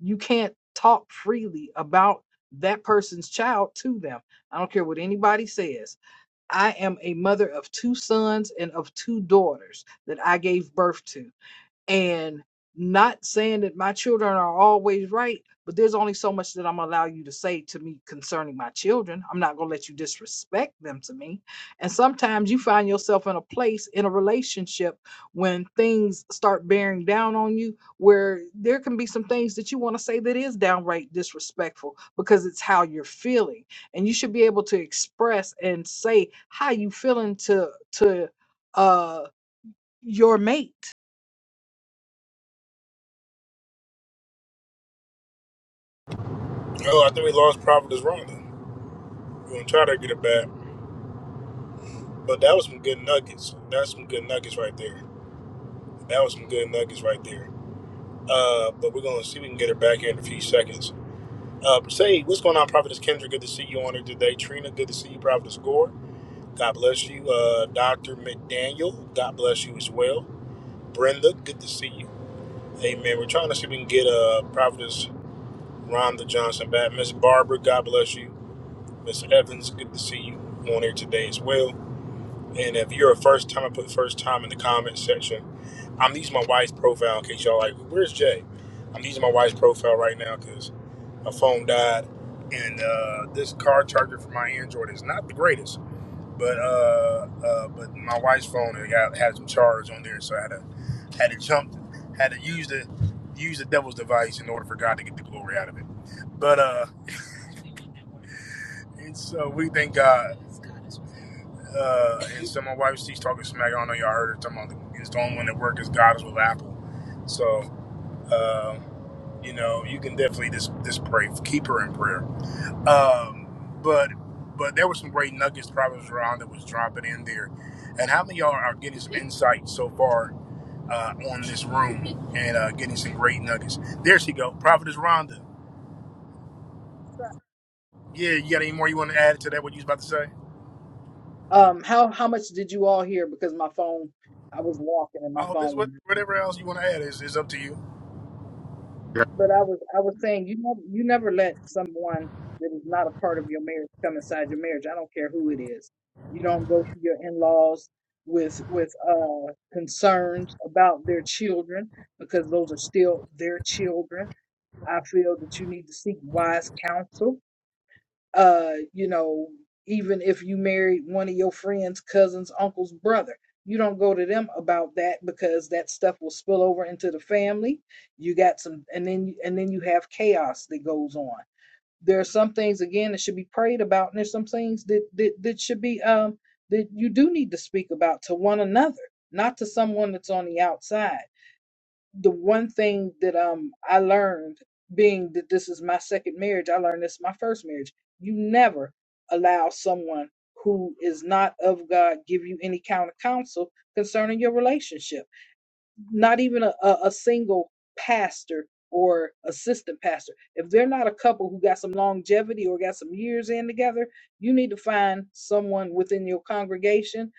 G: you can't talk freely about that person's child to them i don't care what anybody says i am a mother of two sons and of two daughters that i gave birth to and not saying that my children are always right, but there's only so much that I'm gonna allow you to say to me concerning my children. I'm not gonna let you disrespect them to me. And sometimes you find yourself in a place in a relationship when things start bearing down on you, where there can be some things that you want to say that is downright disrespectful because it's how you're feeling. And you should be able to express and say how you feeling to to uh your mate
J: Oh, I think we lost Prophet is wrong. then. We're going to try to get it back. But that was some good nuggets. That's some good nuggets right there. That was some good nuggets right there. Uh, but we're going to see if we can get her back here in a few seconds. Uh, say, what's going on, Prophetess Kendra? Good to see you on here today. Trina, good to see you, Prophetess Gore. God bless you. Uh, Dr. McDaniel, God bless you as well. Brenda, good to see you. Hey man, we're trying to see if we can get uh Providence Rhonda Johnson back. Miss Barbara, God bless you. Miss Evans, good to see you on here today as well. And if you're a first time, I put first time in the comment section. I'm using my wife's profile in case y'all like, where's Jay? I'm using my wife's profile right now because my phone died. And uh, this car charger for my Android is not the greatest. But uh, uh, but my wife's phone it got, had some charge on there, so I had to had to jump, had to use the use the devil's device in order for God to get the glory out of it. But uh, and so we thank God. Uh, and so my wife, she's talking smack. I don't know y'all heard her talking about it's the only one that works. is God is with Apple. So um, you know, you can definitely just just pray, keep her in prayer. Um, but but there were some great nuggets probably around that was dropping in there. And how many of y'all are getting some insight so far uh, on this room and uh, getting some great nuggets. There she go, Prophetess Rhonda. Yeah, you got any more you want to add to that? What you was about to say?
G: Um, how how much did you all hear? Because my phone, I was walking and my
J: Oh, this what
G: phone.
J: whatever else you want to add is is up to you.
G: went out. But I was I was saying you know you never let someone that is not a part of your marriage come inside your marriage. I don't care who it is. You don't go to your in laws with with uh concerns about their children because those are still their children. I feel that you need to seek wise counsel uh, you know, even if you married one of your friends, cousins, uncle's brother, you don't go to them about that because that stuff will spill over into the family. You got some, and then and then you have chaos that goes on. There are some things again that should be prayed about, and there's some things that that that should be um that you do need to speak about to one another, not to someone that's on the outside the one thing that um I learned being that this is my second marriage, I learned this my first marriage. You never allow someone who is not of God give you any kind of counsel concerning your relationship not even a, a, a single pastor or assistant pastor. If they're not a couple who got some longevity or got some years in together, you need to find someone within your congregation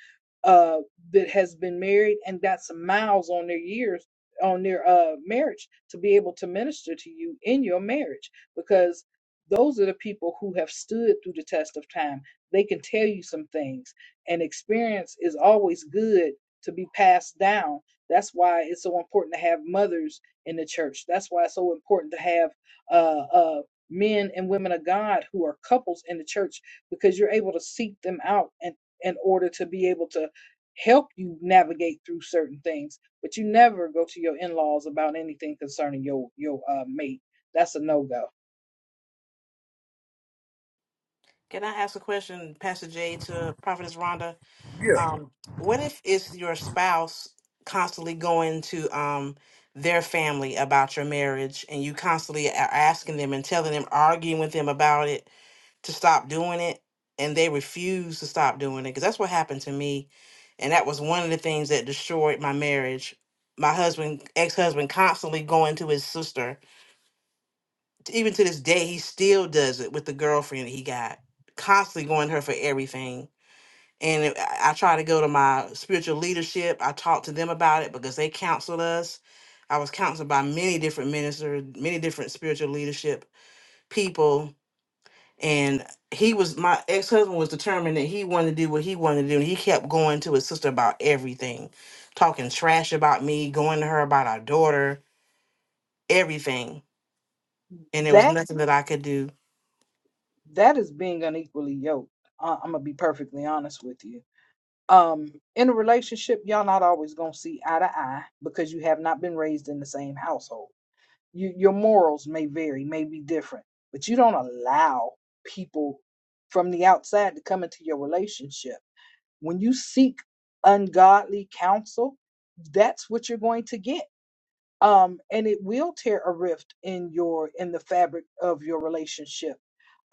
G: uh, that has been married and got some miles on their years on their uh, marriage to be able to minister to you in your marriage because those are the people who have stood through the test of time. They can tell you some things, and experience is always good to be passed down that's why it's so important to have mothers in the church. That's why it's so important to have uh, uh, men and women of God who are couples in the church because you're able to seek them out and in order to be able to help you navigate through certain things. But you never go to your in-laws about anything concerning your your uh, mate. That's a no-go.
C: Can I ask a question, Pastor Jay, to Prophetess Rhonda?
J: Yeah,
C: Um, what if it's your spouse constantly going to um their family about your marriage and you constantly are asking them and telling them, arguing with them about it to stop doing it, and they refuse to stop doing it? Because that's what happened to me. And that was one of the things that destroyed my marriage. My husband, ex husband, constantly going to his sister. Even to this day, he still does it with the girlfriend he got, constantly going to her for everything and it- I I try to go to my spiritual leadership. I talked to them about it because they counseled us. I was counseled by many different ministers, many different spiritual leadership people, and he was my ex husband was determined that he wanted to do what he wanted to do, and he kept going to his sister about everything, talking trash about me, going to her about our daughter, everything, and there was
G: That
C: nothing that I could do
G: that is being unequally yoked. I- I'm gonna be perfectly honest with you um in a relationship y'all not always gonna see eye to eye because you have not been raised in the same household you, your morals may vary may be different but you don't allow people from the outside to come into your relationship when you seek ungodly counsel that's what you're going to get um and it will tear a rift in your in the fabric of your relationship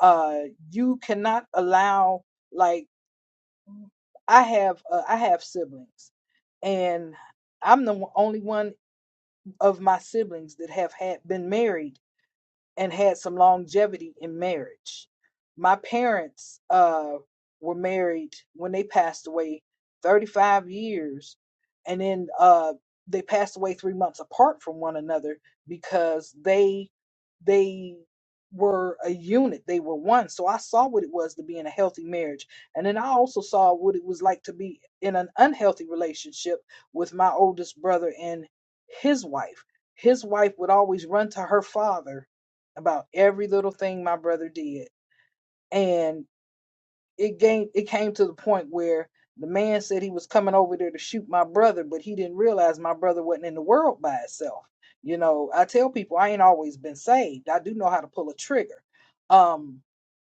G: uh you cannot allow like I have uh, I have siblings, and I'm the only one of my siblings that have had been married and had some longevity in marriage. My parents uh, were married when they passed away 35 years, and then uh, they passed away three months apart from one another because they they were a unit they were one so i saw what it was to be in a healthy marriage and then i also saw what it was like to be in an unhealthy relationship with my oldest brother and his wife his wife would always run to her father about every little thing my brother did. And it came it came to the point where the man said he was coming over there to shoot my brother, but he didn't realize my brother wasn't in the world by itself. You know, I tell people I ain't always been saved. I do know how to pull a trigger. Um,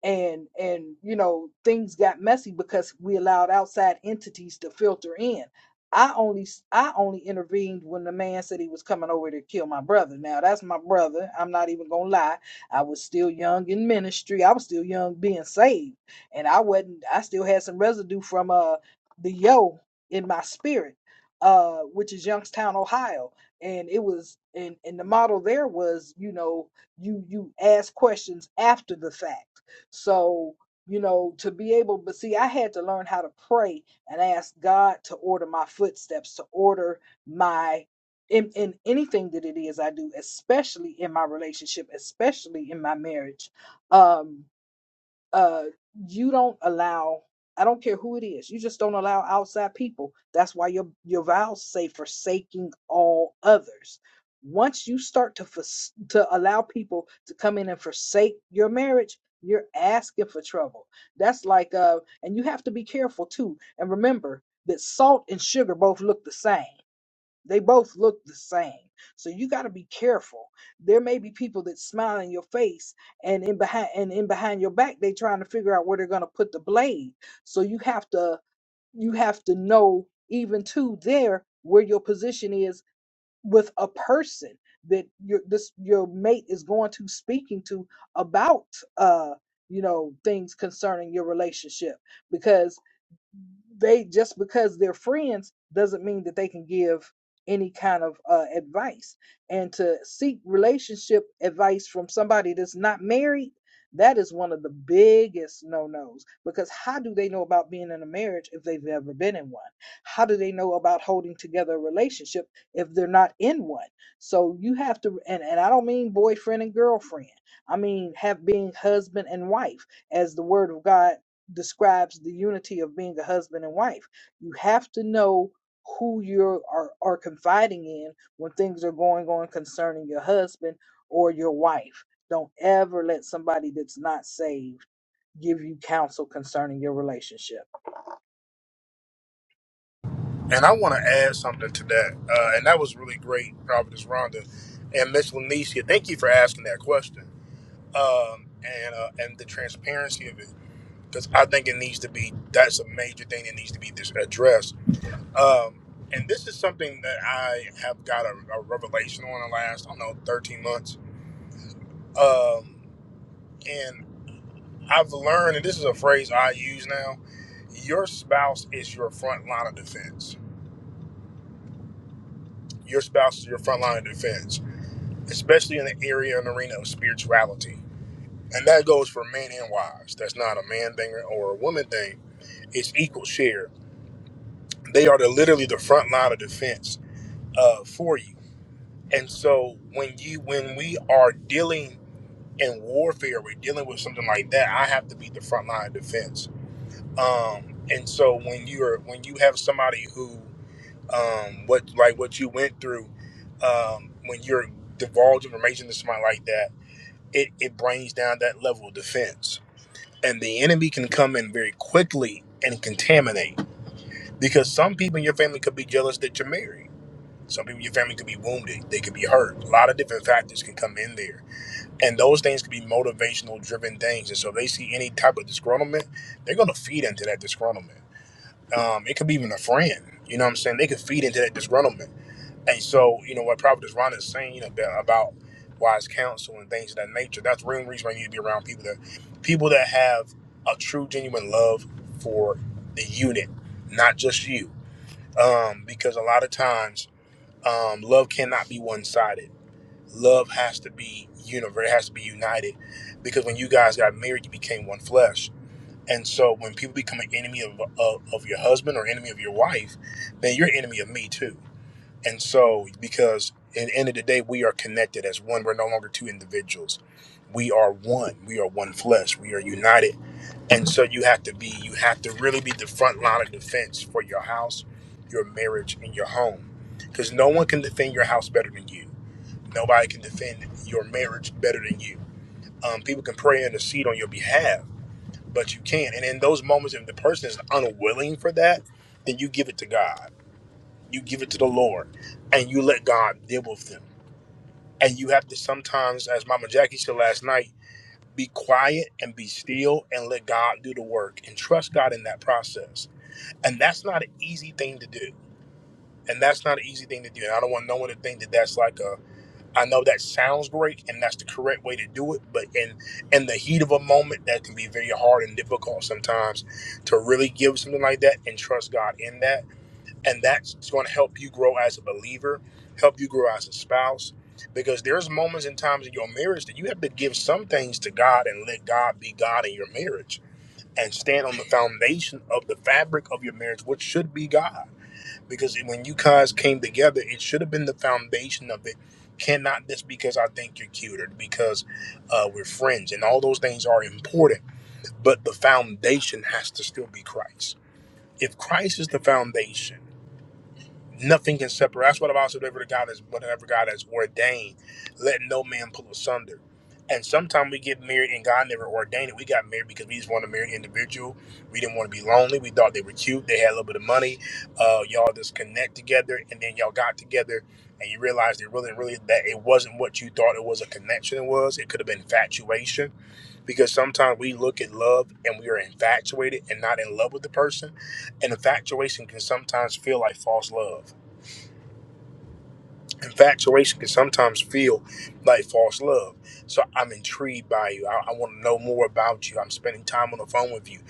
G: and and you know things got messy because we allowed outside entities to filter in i only I only intervened when the man said he was coming over to kill my brother now that's my brother i'm not even gonna lie i was still young in ministry i was still young being saved and i wasn't i still had some residue from uh the yo in my spirit uh which is youngstown ohio and it was and and the model there was you know you you ask questions after the fact so, you know, to be able, but see, I had to learn how to pray and ask God to order my footsteps, to order my in, in anything that it is I do, especially in my relationship, especially in my marriage. Um, uh you don't allow i don't care who it is you just don't allow outside people that's why your your vows say forsaking all others once you start to fors- to allow people to come in and forsake your marriage you're asking for trouble that's like uh and you have to be careful too and remember that salt and sugar both look the same they both look the same. So you got to be careful. There may be people that smile in your face and in behind and in behind your back they trying to figure out where they're going to put the blade. So you have to you have to know even to there where your position is with a person that your this your mate is going to speaking to about uh you know things concerning your relationship because they just because they're friends doesn't mean that they can give any kind of uh, advice and to seek relationship advice from somebody that's not married that is one of the biggest no-nos because how do they know about being in a marriage if they've never been in one how do they know about holding together a relationship if they're not in one so you have to and, and i don't mean boyfriend and girlfriend i mean have being husband and wife as the word of god describes the unity of being a husband and wife. You have to know who you are, are confiding in when things are going on concerning your husband or your wife. Don't ever let somebody that's not saved give you counsel concerning your relationship.
J: and I want to add something to that, uh, and that was really great, Prophetess Rhonda and Miss Lanicia. Thank you for asking that question um, and uh, and the transparency of it because I think it needs to be. That's a major thing that needs to be dis- addressed. Um, and this is something that I have got a, a revelation on the last, I don't know, 13 months Um, and I've learned, and this is a phrase I use now your spouse is your front line of defense. Your spouse is your front line of defense, especially in the area and arena of spirituality. And that goes for men and wives. That's not a man thing or a woman thing. It's equal share. They are the, literally the front line of defense uh, for you. And so when you when we are dealing in warfare, we're dealing with something like that. I have to be the front line of defense um and so when you're when you have somebody who um what like what you went through um when you're divulge information to somebody like that it it brings down that level of defense and the enemy can come in very quickly and contaminate because some people in your family could be jealous that you're married some people in your family could be wounded they could be hurt a lot of different factors can come in there and those things could be motivational driven things and so they see any type of disgruntlement they're going to feed into that disgruntlement um, it could be even a friend. You know what I'm saying? They could feed into that disgruntlement. And so, you know, what Prophet Ron is saying you know, about about wise counsel and things of that nature, that's the real reason why you need to be around people that people that have a true, genuine love for the unit, not just you. Um, because a lot of times, um, love cannot be one sided. Love has to be universal, it has to be united. Because when you guys got married, you became one flesh and so when people become an enemy of, of, of your husband or enemy of your wife, then you're an enemy of me too. And so because at the end of the day, we are connected as one. We're no longer two individuals. We are one. We are one flesh. We are united. And so you have to be, you have to really be the front line of defense for your house, your marriage, and your home. Because no one can defend your house better than you. Nobody can defend your marriage better than you. Um, people can pray and intercede on your behalf but you can. And in those moments, if the person is unwilling for that, then you give it to God. You give it to the Lord, and you let God deal with them. And you have to sometimes, as Mama Jackie said last night, be quiet and be still and let God do the work and trust God in that process. And that's not an easy thing to do. And that's not an easy thing to do. And I don't want no one to think that that's like a I know that sounds great, and that's the correct way to do it. But in in the heat of a moment, that can be very hard and difficult sometimes to really give something like that and trust God in that. And that's going to help you grow as a believer, help you grow as a spouse, because there's moments and times in your marriage that you have to give some things to God and let God be God in your marriage and stand on the foundation of the fabric of your marriage, which should be God because when you guys came together, it should have been the foundation of it. Cannot this because I think you're cuter, because uh, we're friends, and all those things are important. But the foundation has to still be Christ. If Christ is the foundation, Nothing can separate. That's what about said. Whatever the God is, whatever God has ordained, let no man pull asunder. And sometimes we get married, and God never ordained it. We got married because we just wanted to marry an individual. We didn't want to be lonely. We thought they were cute. They had a little bit of money. Uh, y'all just connect together, and then y'all got together, and you realized it really, really that it wasn't what you thought it was. A connection it was. It could have been infatuation because sometimes we look at love and we are infatuated and not in love with the person, and infatuation can sometimes feel like false love infatuation can sometimes feel like false love. So I'm intrigued by you. I, I want to know more about you. I'm spending time on the phone with you.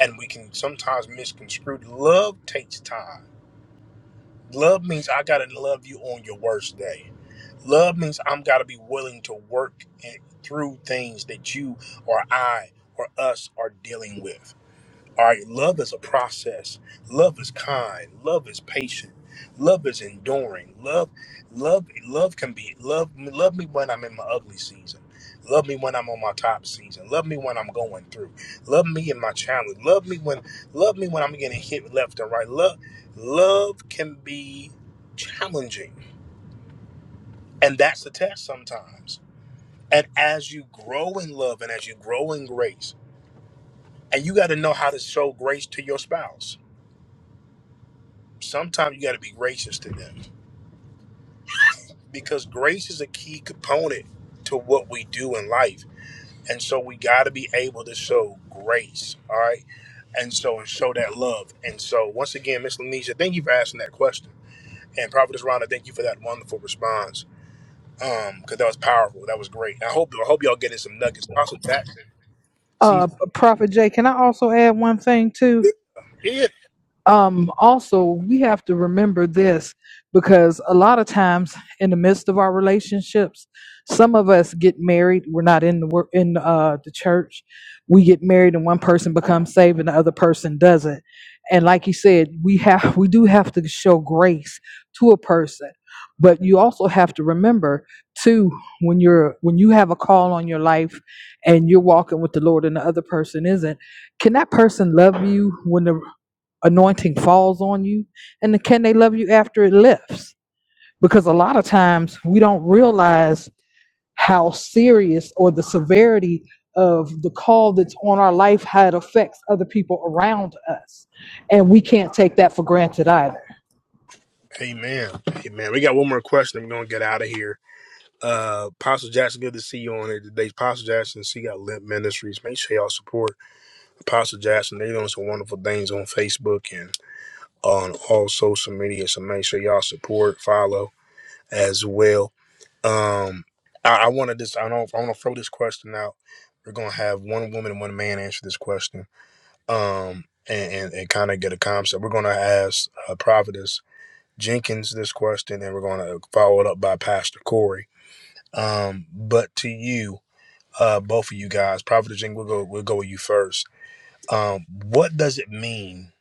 J: And we can sometimes misconstrue. Love takes time. Love means I got to love you on your worst day. Love means I'm got to be willing to work and through things that you or I or us are dealing with. All right, love is a process. Love is kind. Love is patient. Love is enduring. Love, love, love can be love. Love me when I'm in my ugly season. Love me when I'm on my top season. Love me when I'm going through. Love me in my challenge. Love me when love me when I'm getting hit left and right. Love, love can be challenging, and that's the test sometimes. And as you grow in love and as you grow in grace, and you got to know how to show grace to your spouse sometimes you got to be gracious to them because grace is a key component to what we do in life. And so we got to be able to show grace, all right? And so and show that love. And so once again, Miss Lanisha, thank you for asking that question. And Prophetess Rhonda, thank you for that wonderful response. Um, because that was powerful. That was great. I hope I hope y'all getting some nuggets. Also, that see,
G: Uh, Prophet Jay, can I also add one thing too?
J: yeah.
G: um, also we have to remember this because a lot of times in the midst of our relationships some of us get married we're not in the work in uh, the church we get married and one person becomes saved and the other person doesn't and like you said we have we do have to show grace to a person but you also have to remember too when you're when you have a call on your life and you're walking with the lord and the other person isn't can that person love you when the anointing falls on you and can they love you after it lifts because a lot of times we don't realize how serious or the severity of the call that's on our life how it affects other people around us and we can't take that for granted either
J: Amen. Amen. We got one more question. We're gonna get out of here. Uh, Apostle Jackson, good to see you on it today. Apostle Jackson, she got Limp Ministries. Make sure y'all support Apostle Jackson. They're doing some wonderful things on Facebook and on all social media. So make sure y'all support, follow as well. Um, I, I want to just I don't I want to throw this question out. We're gonna have one woman and one man answer this question. Um, and and, and kind of get a concept. We're gonna ask uh, Providence Jenkins this question, and we're gonna follow it up by Pastor Corey. Um, but to you uh, both of you guys. Prophet Jing, we'll go, we'll go with you first. Um, what does it mean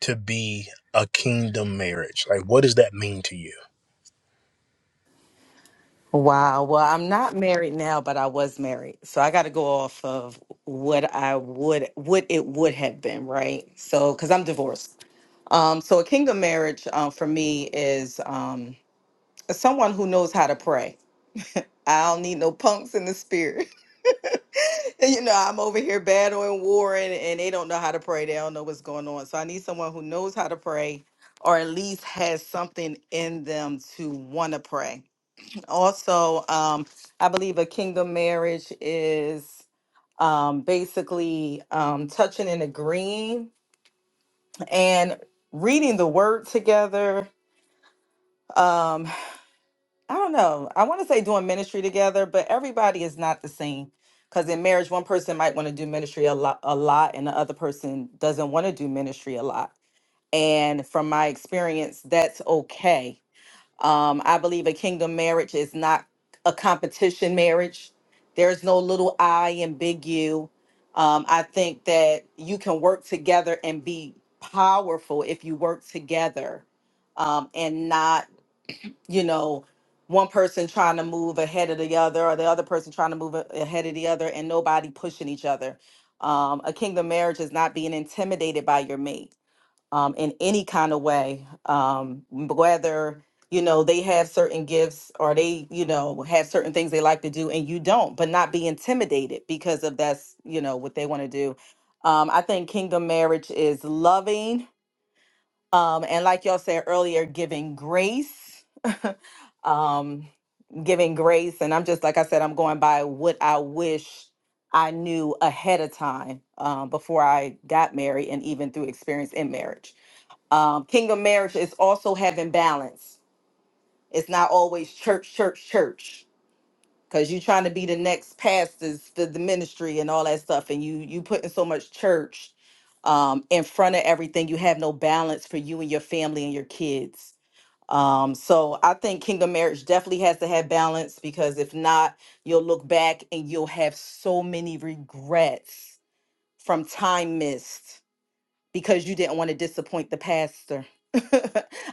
J: to be a kingdom marriage? Like, what does that mean to you?
F: Wow. Well, I'm not married now, but I was married. So I got to go off of what I would, what it would have been, right? So, because I'm divorced. Um, so a kingdom marriage um, for me is um, someone who knows how to pray. I don't need no punks in the spirit. And, you know, I'm over here battling war and they don't know how to pray. They don't know what's going on. So I need someone who knows how to pray or at least has something in them to want to pray also, um, I believe a kingdom marriage is um, basically um, touching and agreeing and reading the word together. Um, I don't know. I want to say doing ministry together, but everybody is not the same. Because in marriage, one person might want to do ministry a lot, a lot, and the other person doesn't want to do ministry a lot. And from my experience, that's okay Um, I believe a kingdom marriage is not a competition marriage. There's no little I and big you. Um, I think that you can work together and be powerful if you work together um, and not, you know, one person trying to move ahead of the other or the other person trying to move a- ahead of the other and nobody pushing each other. Um, a kingdom marriage is not being intimidated by your mate um, in any kind of way, um, whether you know they have certain gifts or they you know have certain things they like to do and you don't, but not be intimidated because of that's you know what they want to do. Um, I think kingdom marriage is loving, um, and like y'all said earlier, giving grace. um giving grace and i'm just like i said i'm going by what i wish i knew ahead of time um, before i got married and even through experience in marriage um, kingdom marriage is also having balance. It's not always church, church, church, because you're trying to be the next pastors, the, the ministry, and all that stuff, and you you putting so much church um, in front of everything. You have no balance for you and your family and your kids. Um, so I think kingdom marriage definitely has to have balance because if not, you'll look back and you'll have so many regrets from time missed because you didn't want to disappoint the pastor.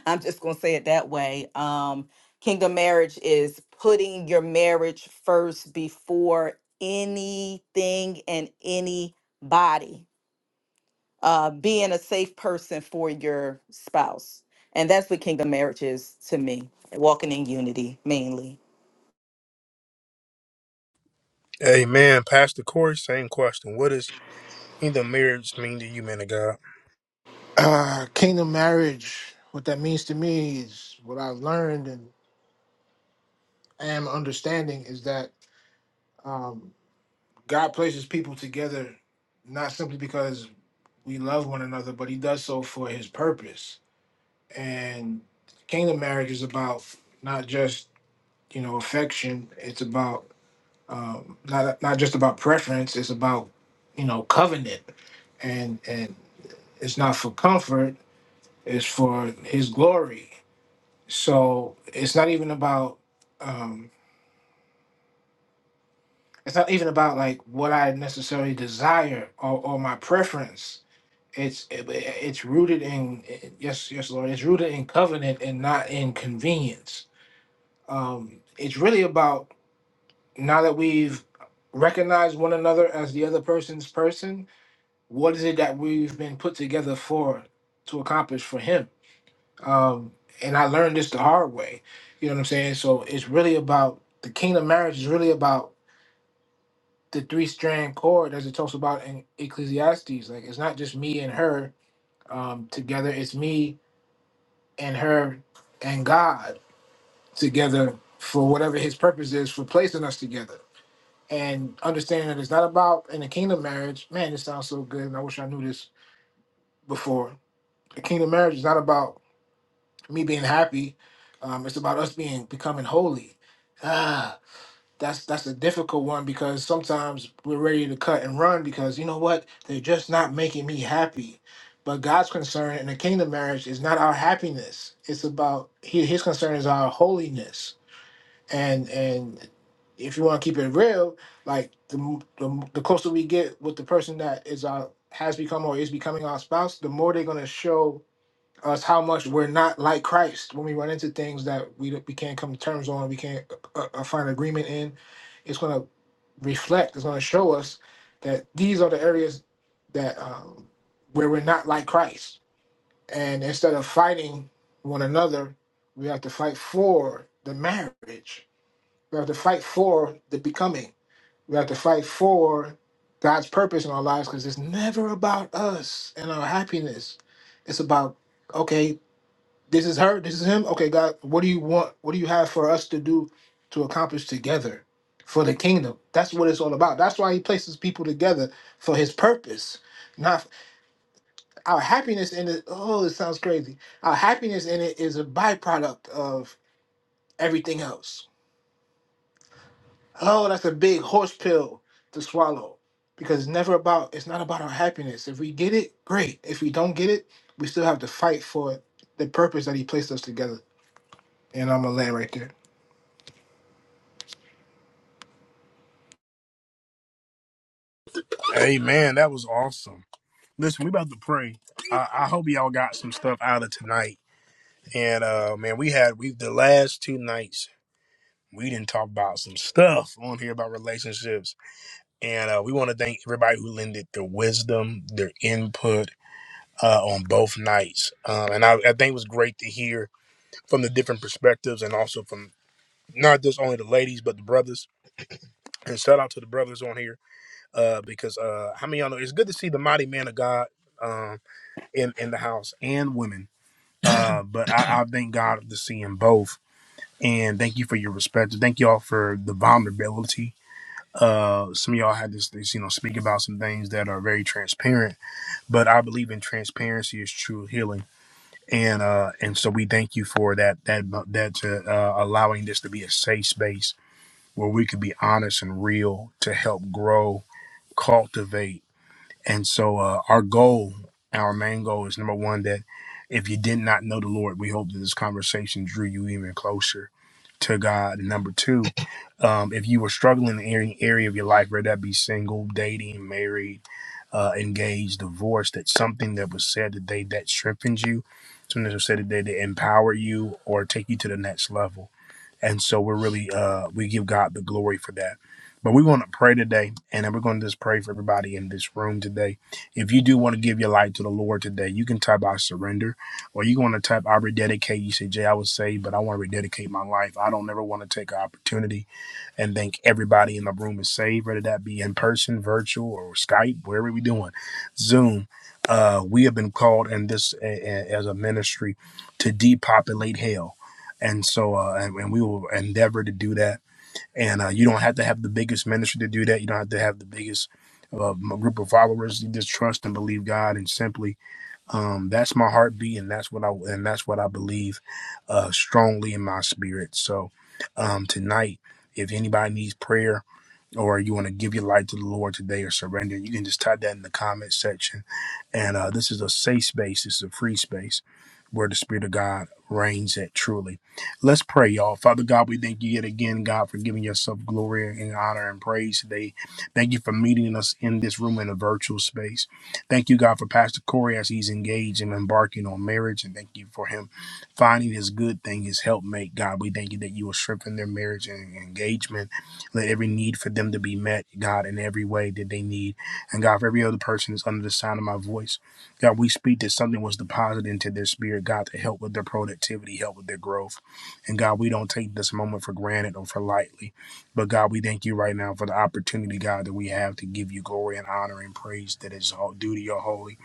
F: I'm just going to say it that way. Um, kingdom marriage is putting your marriage first before anything and anybody, uh, being a safe person for your spouse. And that's what kingdom marriage is to me, walking in unity mainly.
J: Amen. Pastor Corey, same question. What does kingdom marriage mean to you, man of God?
E: Uh kingdom marriage. What that means to me is what I've learned and am understanding is that um, God places people together not simply because we love one another, but he does so for his purpose. And kingdom marriage is about not just, you know, affection. It's about um, not not just about preference. It's about you know covenant, and and it's not for comfort. It's for His glory. So it's not even about um, it's not even about like what I necessarily desire or, or my preference. It's it, it's rooted in yes yes Lord. It's rooted in covenant and not in convenience. Um, it's really about now that we've recognized one another as the other person's person what is it that we've been put together for to accomplish for him um and i learned this the hard way you know what i'm saying so it's really about the kingdom marriage is really about the three strand cord as it talks about in ecclesiastes like it's not just me and her um together it's me and her and god together for whatever his purpose is for placing us together and understanding that it's not about in a kingdom marriage man this sounds so good and i wish i knew this before a kingdom marriage is not about me being happy. Um, it's about us being becoming holy. Ah, that's that's a difficult one because sometimes we're ready to cut and run because you know what? They're just not making me happy. But God's concern in the kingdom marriage is not our happiness. It's about he- his concern is our holiness. And and if you want to keep it real, like the, m- the m- the closer we get with the person that is our has become or is becoming our spouse, the more they're gonna show us how much we're not like Christ when we run into things that we we can't come to terms on, we can't uh, uh, find agreement in. It's going to reflect. It's going to show us that these are the areas that um, where we're not like Christ. And instead of fighting one another, we have to fight for the marriage. We have to fight for the becoming. We have to fight for God's purpose in our lives because it's never about us and our happiness. It's about okay this is her. This is him. Okay, God, what do you want? What do you have for us to do to accomplish together for the kingdom? That's what it's all about. That's why He places people together for His purpose. Not our happiness in it. Oh, it sounds crazy. Our happiness in it is a byproduct of everything else. Oh, that's a big horse pill to swallow because it's never about. It's not about our happiness. If we get it, great. If we don't get it, we still have to fight for the purpose that He placed us together. And I'm gonna land right there.
J: Amen. That was awesome. Listen, we about to pray. I, I hope y'all got some stuff out of tonight. And uh man, we had we the last two nights we didn't talk about some stuff on here about relationships. And uh, we want to thank everybody who lended their wisdom, their input, uh, on both nights. Um, and I, I think it was great to hear from the different perspectives and also from not just only the ladies, but the brothers. And shout out to the brothers on here uh, because uh, how many of y'all know it's good to see the mighty man of God um, in, in the house and women. Uh, but I, I thank God to see them both. And thank you for your respect. Thank y'all for the vulnerability. Uh, some of y'all had this, this, you know, speak about some things that are very transparent, but I believe in transparency is true healing and uh and so we thank you for that that that uh, allowing this to be a safe space where we could be honest and real to help grow cultivate and so uh, our goal, our main goal is number one, that if you did not know the Lord, we hope that this conversation drew you even closer to God. And number two, um, if you were struggling in any area of your life, whether that be single, dating, married, uh, engaged, divorced, that something that was said today that strengthens you, something that was said today that empower you or take you to the next level. And so we're really, uh, we give God the glory for that. But we want to pray today, and then we're going to just pray for everybody in this room today. If you do want to give your life to the Lord today, you can type I surrender, or you want to type I rededicate. You say, Jay, I was saved, but I want to rededicate my life. I don't ever want to take an opportunity and think everybody in the room is saved, whether that be in person, virtual, or Skype, wherever we're doing, Zoom. Uh, we have been called in this a- a- as a ministry to depopulate hell. And so, uh, and, and we will endeavor to do that and uh, you don't have to have the biggest ministry to do that. You don't have to have the biggest uh, group of followers. You just trust and believe God, and simply um, that's my heartbeat, and that's what I and that's what I believe uh, strongly in my spirit. So um, tonight, if anybody needs prayer or you want to give your life to the Lord today or surrender, you can just type that in the comment section. And uh, this is a safe space, this is a free space where the Spirit of God reigns at truly. Let's pray, y'all. Father God, we thank you yet again, God, for giving yourself glory and honor and praise today. Thank you for meeting us in this room in a virtual space. Thank you, God, for Pastor Corey as he's engaged and embarking on marriage. And thank you for him finding his good thing, his helpmate. God, we thank you that you will strengthen their marriage and engagement. Let every need for them to be met, God, in every way that they need. And God, for every other person that's under the sound of my voice, God, we speak that something was deposited into their spirit, God, to help with their productivity, help with their growth. And God, we don't take this moment for granted or for lightly. But God, we thank you right now for the opportunity, God, that we have to give you glory and honor and praise that is all due to your holy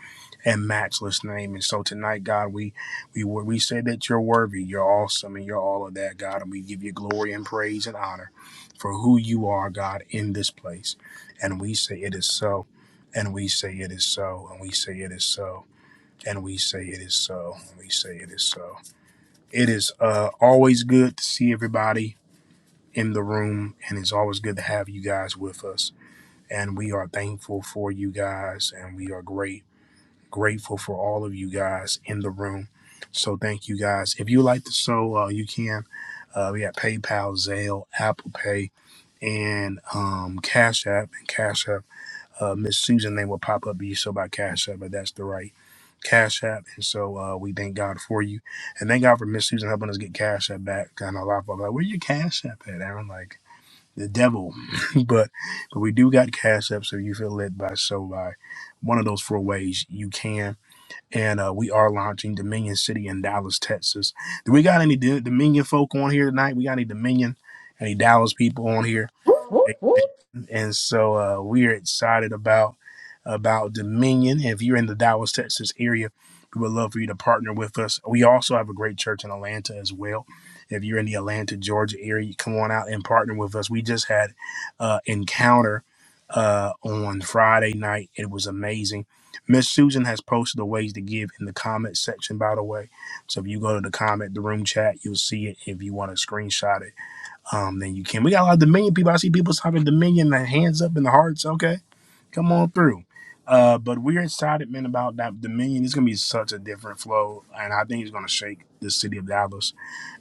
J: and matchless name. And so tonight, God, we we we say that you're worthy, you're awesome, and you're all of that, God. And we give you glory and praise and honor for who you are, God, in this place. And we say it is so, and we say it is so, and we say it is so, and we say it is so, and we say it is so. It is uh, always good to see everybody in the room, and it's always good to have you guys with us. And we are thankful for you guys, and we are great, grateful for all of you guys in the room. So thank you guys. If you like to so uh, you can. Uh, we have PayPal, Zelle, Apple Pay and um, Cash App and Cash App. Uh, Miss Susan name will pop up, be so by Cash App, but that's the right Cash App. And so uh, we thank God for you, and thank God for Miss Susan helping us get Cash App back. and know a lot of folks are like, where your Cash App at, Aaron? Like the devil, but but we do got Cash App, so you feel led by so by one of those four ways you can. And uh, we are launching Dominion City in Dallas, Texas. Do we got any D- Dominion folk on here tonight? We got any Dominion, any Dallas people on here? and so uh, we're excited about about Dominion. If you're in the Dallas, Texas area, we would love for you to partner with us. We also have a great church in Atlanta as well. If you're in the Atlanta, Georgia area, you come on out and partner with us. We just had uh, encounter uh, on Friday night. It was amazing. Miss Susan has posted the ways to give in the comment section, by the way. So if you go to the comment, the room chat, you'll see it. If you want to screenshot it um, then you can. We got a lot of Dominion people. I see people typing Dominion, the hands up and the hearts. Okay, come on through. Uh, but we're excited, man, about that Dominion. It's gonna be such a different flow, and I think it's gonna shake the city of Dallas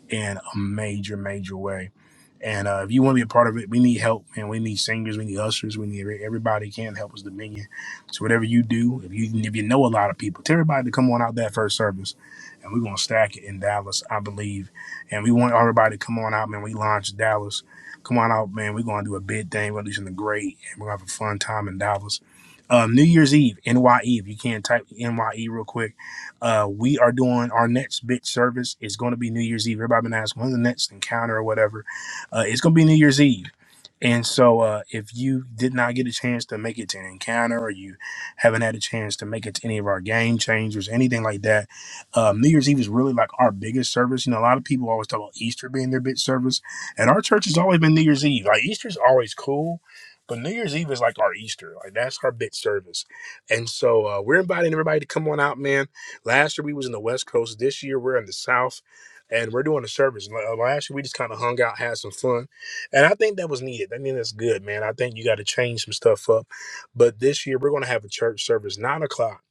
J: in a major, major way. And uh, if you want to be a part of it, we need help, man. We need singers, we need ushers, we need everybody can help us Dominion. So whatever you do, if you if you know a lot of people, tell everybody to come on out that first service, and we're gonna stack it in Dallas, I believe. And we want everybody to come on out, man. We launched Dallas. Come on out, man. We're gonna do a big thing. We're gonna do something great, and we're gonna have a fun time in Dallas. Um, New Year's Eve, N Y E. If You can not type NYE real quick uh, we are doing our next big service. It's going to be New Year's Eve. Everybody been asking when's the next encounter or whatever. Uh, it's going to be New Year's Eve. And so, uh, if you did not get a chance to make it to an encounter, or you haven't had a chance to make it to any of our game changers, anything like that, um, New Year's Eve is really like our biggest service. You know, a lot of people always talk about Easter being their big service, and our church has always been New Year's Eve. Like Easter's always cool, but New Year's Eve is like our Easter. Like that's our big service. And so, uh, we're inviting everybody to come on out, man Last year we was in the West Coast. This year we're in the South, and we're doing the service. La- Last year we just kind of hung out, had some fun, and I think that was needed. I mean, that's good, man. I think you got to change some stuff up. But this year we're gonna have a church service nine o'clock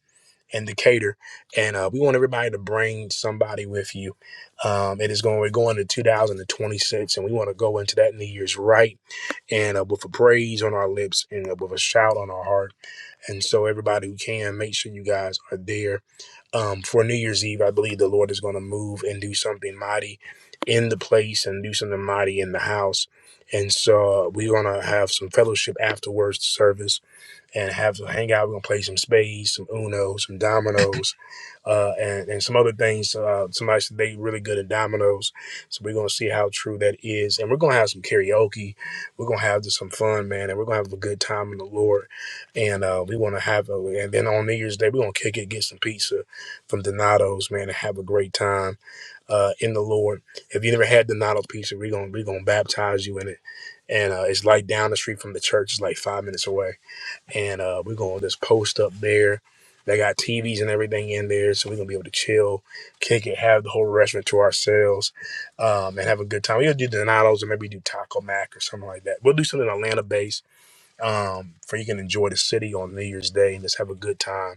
J: in Decatur, and uh, we want everybody to bring somebody with you. Um, it is going we're going to 2026, and twenty six, and we want to go into that New Year's right, and uh, with a praise on our lips and uh, with a shout on our heart and so, everybody who can, make sure you guys are there. Um, for New Year's Eve, I believe the Lord is going to move and do something mighty in the place and do something mighty in the house. And so, uh, we're going to have some fellowship afterwards the service and have to hang out. We're gonna play some spades, some Uno, some dominoes, uh, and and some other things. Uh, somebody said they really good at dominoes, so we're gonna see how true that is. And we're gonna have some karaoke. We're gonna have just some fun, man, and we're gonna have a good time in the Lord. And uh, we want to have, a, and then on New Year's Day we're gonna kick it, get some pizza from Donato's, man, and have a great time uh, in the Lord. If you never had Donato pizza, we're gonna we're gonna baptize you in it. And uh, it's like down the street from the church. It's like five minutes away and uh, we're going to just post up there. They got TVs and everything in there, so we're gonna be able to chill, kick it, have the whole restaurant to ourselves, um, and have a good time. We'll do Donatos or maybe do Taco Mac or something like that. We'll do something Atlanta based um, for you can enjoy the city on New Year's Day and just have a good time.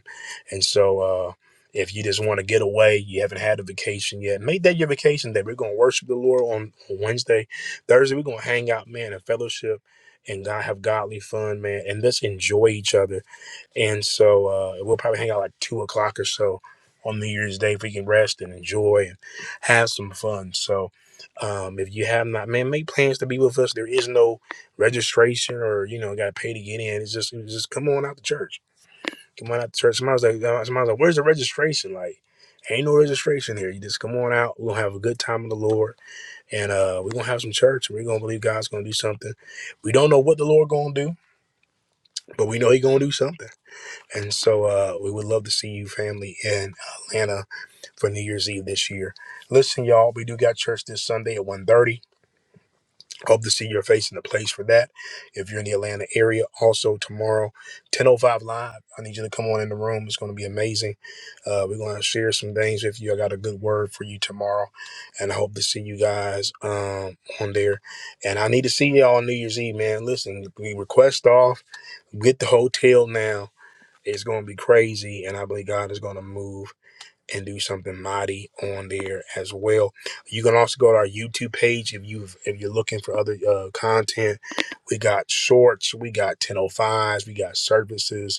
J: And so, uh, if you just want to get away, you haven't had a vacation yet, make that your vacation day. We're going to worship the Lord on Wednesday, Thursday. We're going to hang out, man, and fellowship and God have godly fun, man, and just enjoy each other and so uh, we'll probably hang out like two o'clock or so on New Year's Day if we can rest and enjoy and have some fun. So um, if you have not, man, make plans to be with us. There is no registration or, you know, got to pay to get in. It's just, it's just come on out to church. Come on out to church. Somebody's like, uh, somebody's like, where's the registration? Like, ain't no registration here. You just come on out. We're going to have a good time in the Lord. And uh, we're going to have some church. We're going to believe God's going to do something. We don't know what the Lord going to do, but we know He going to do something. And so uh, we would love to see you family in Atlanta for New Year's Eve this year. Listen, y'all, we do got church this Sunday at one thirty. Hope to see your face in the place for that. If you're in the Atlanta area, also tomorrow, 10.05 live. I need you to come on in the room. It's going to be amazing. Uh, we're going to share some things with you. I got a good word for you tomorrow. And I hope to see you guys um, on there. And I need to see y'all on New Year's Eve, man. Listen, we request off. Get the hotel now it's going to be crazy, and I believe God is going to move and do something mighty on there as well. You can also go to our YouTube page if you if you're looking for other uh, content. We got shorts, we got 1005s, we got services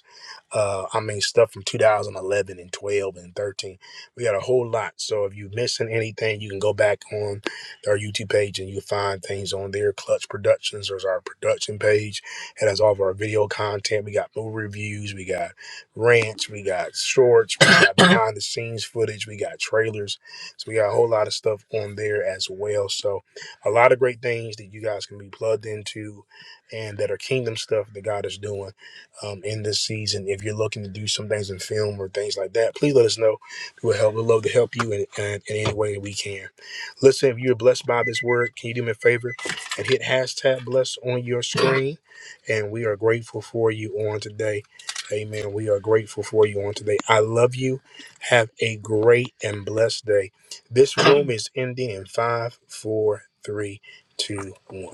J: uh, I mean, stuff from 2011 and 12 and 13. We got a whole lot. So if you missing anything, you can go back on our YouTube page and you find things on there. Clutch Productions, there's our production page. It has all of our video content. We got movie reviews, we got rants, we got shorts, we got behind the scenes footage, we got trailers. So we got a whole lot of stuff on there as well. So a lot of great things that you guys can be plugged into and that are kingdom stuff that God is doing um, in this season. If you're looking to do some things in film or things like that, please let us know. We would help. We'd love to help you in, in, in any way that we can. Listen, if you are blessed by this word, can you do me a favor and hit hashtag blessed on your screen? And we are grateful for you on today. Amen. We are grateful for you on today. I love you. Have a great and blessed day. This room is ending in five, four, three, two, one.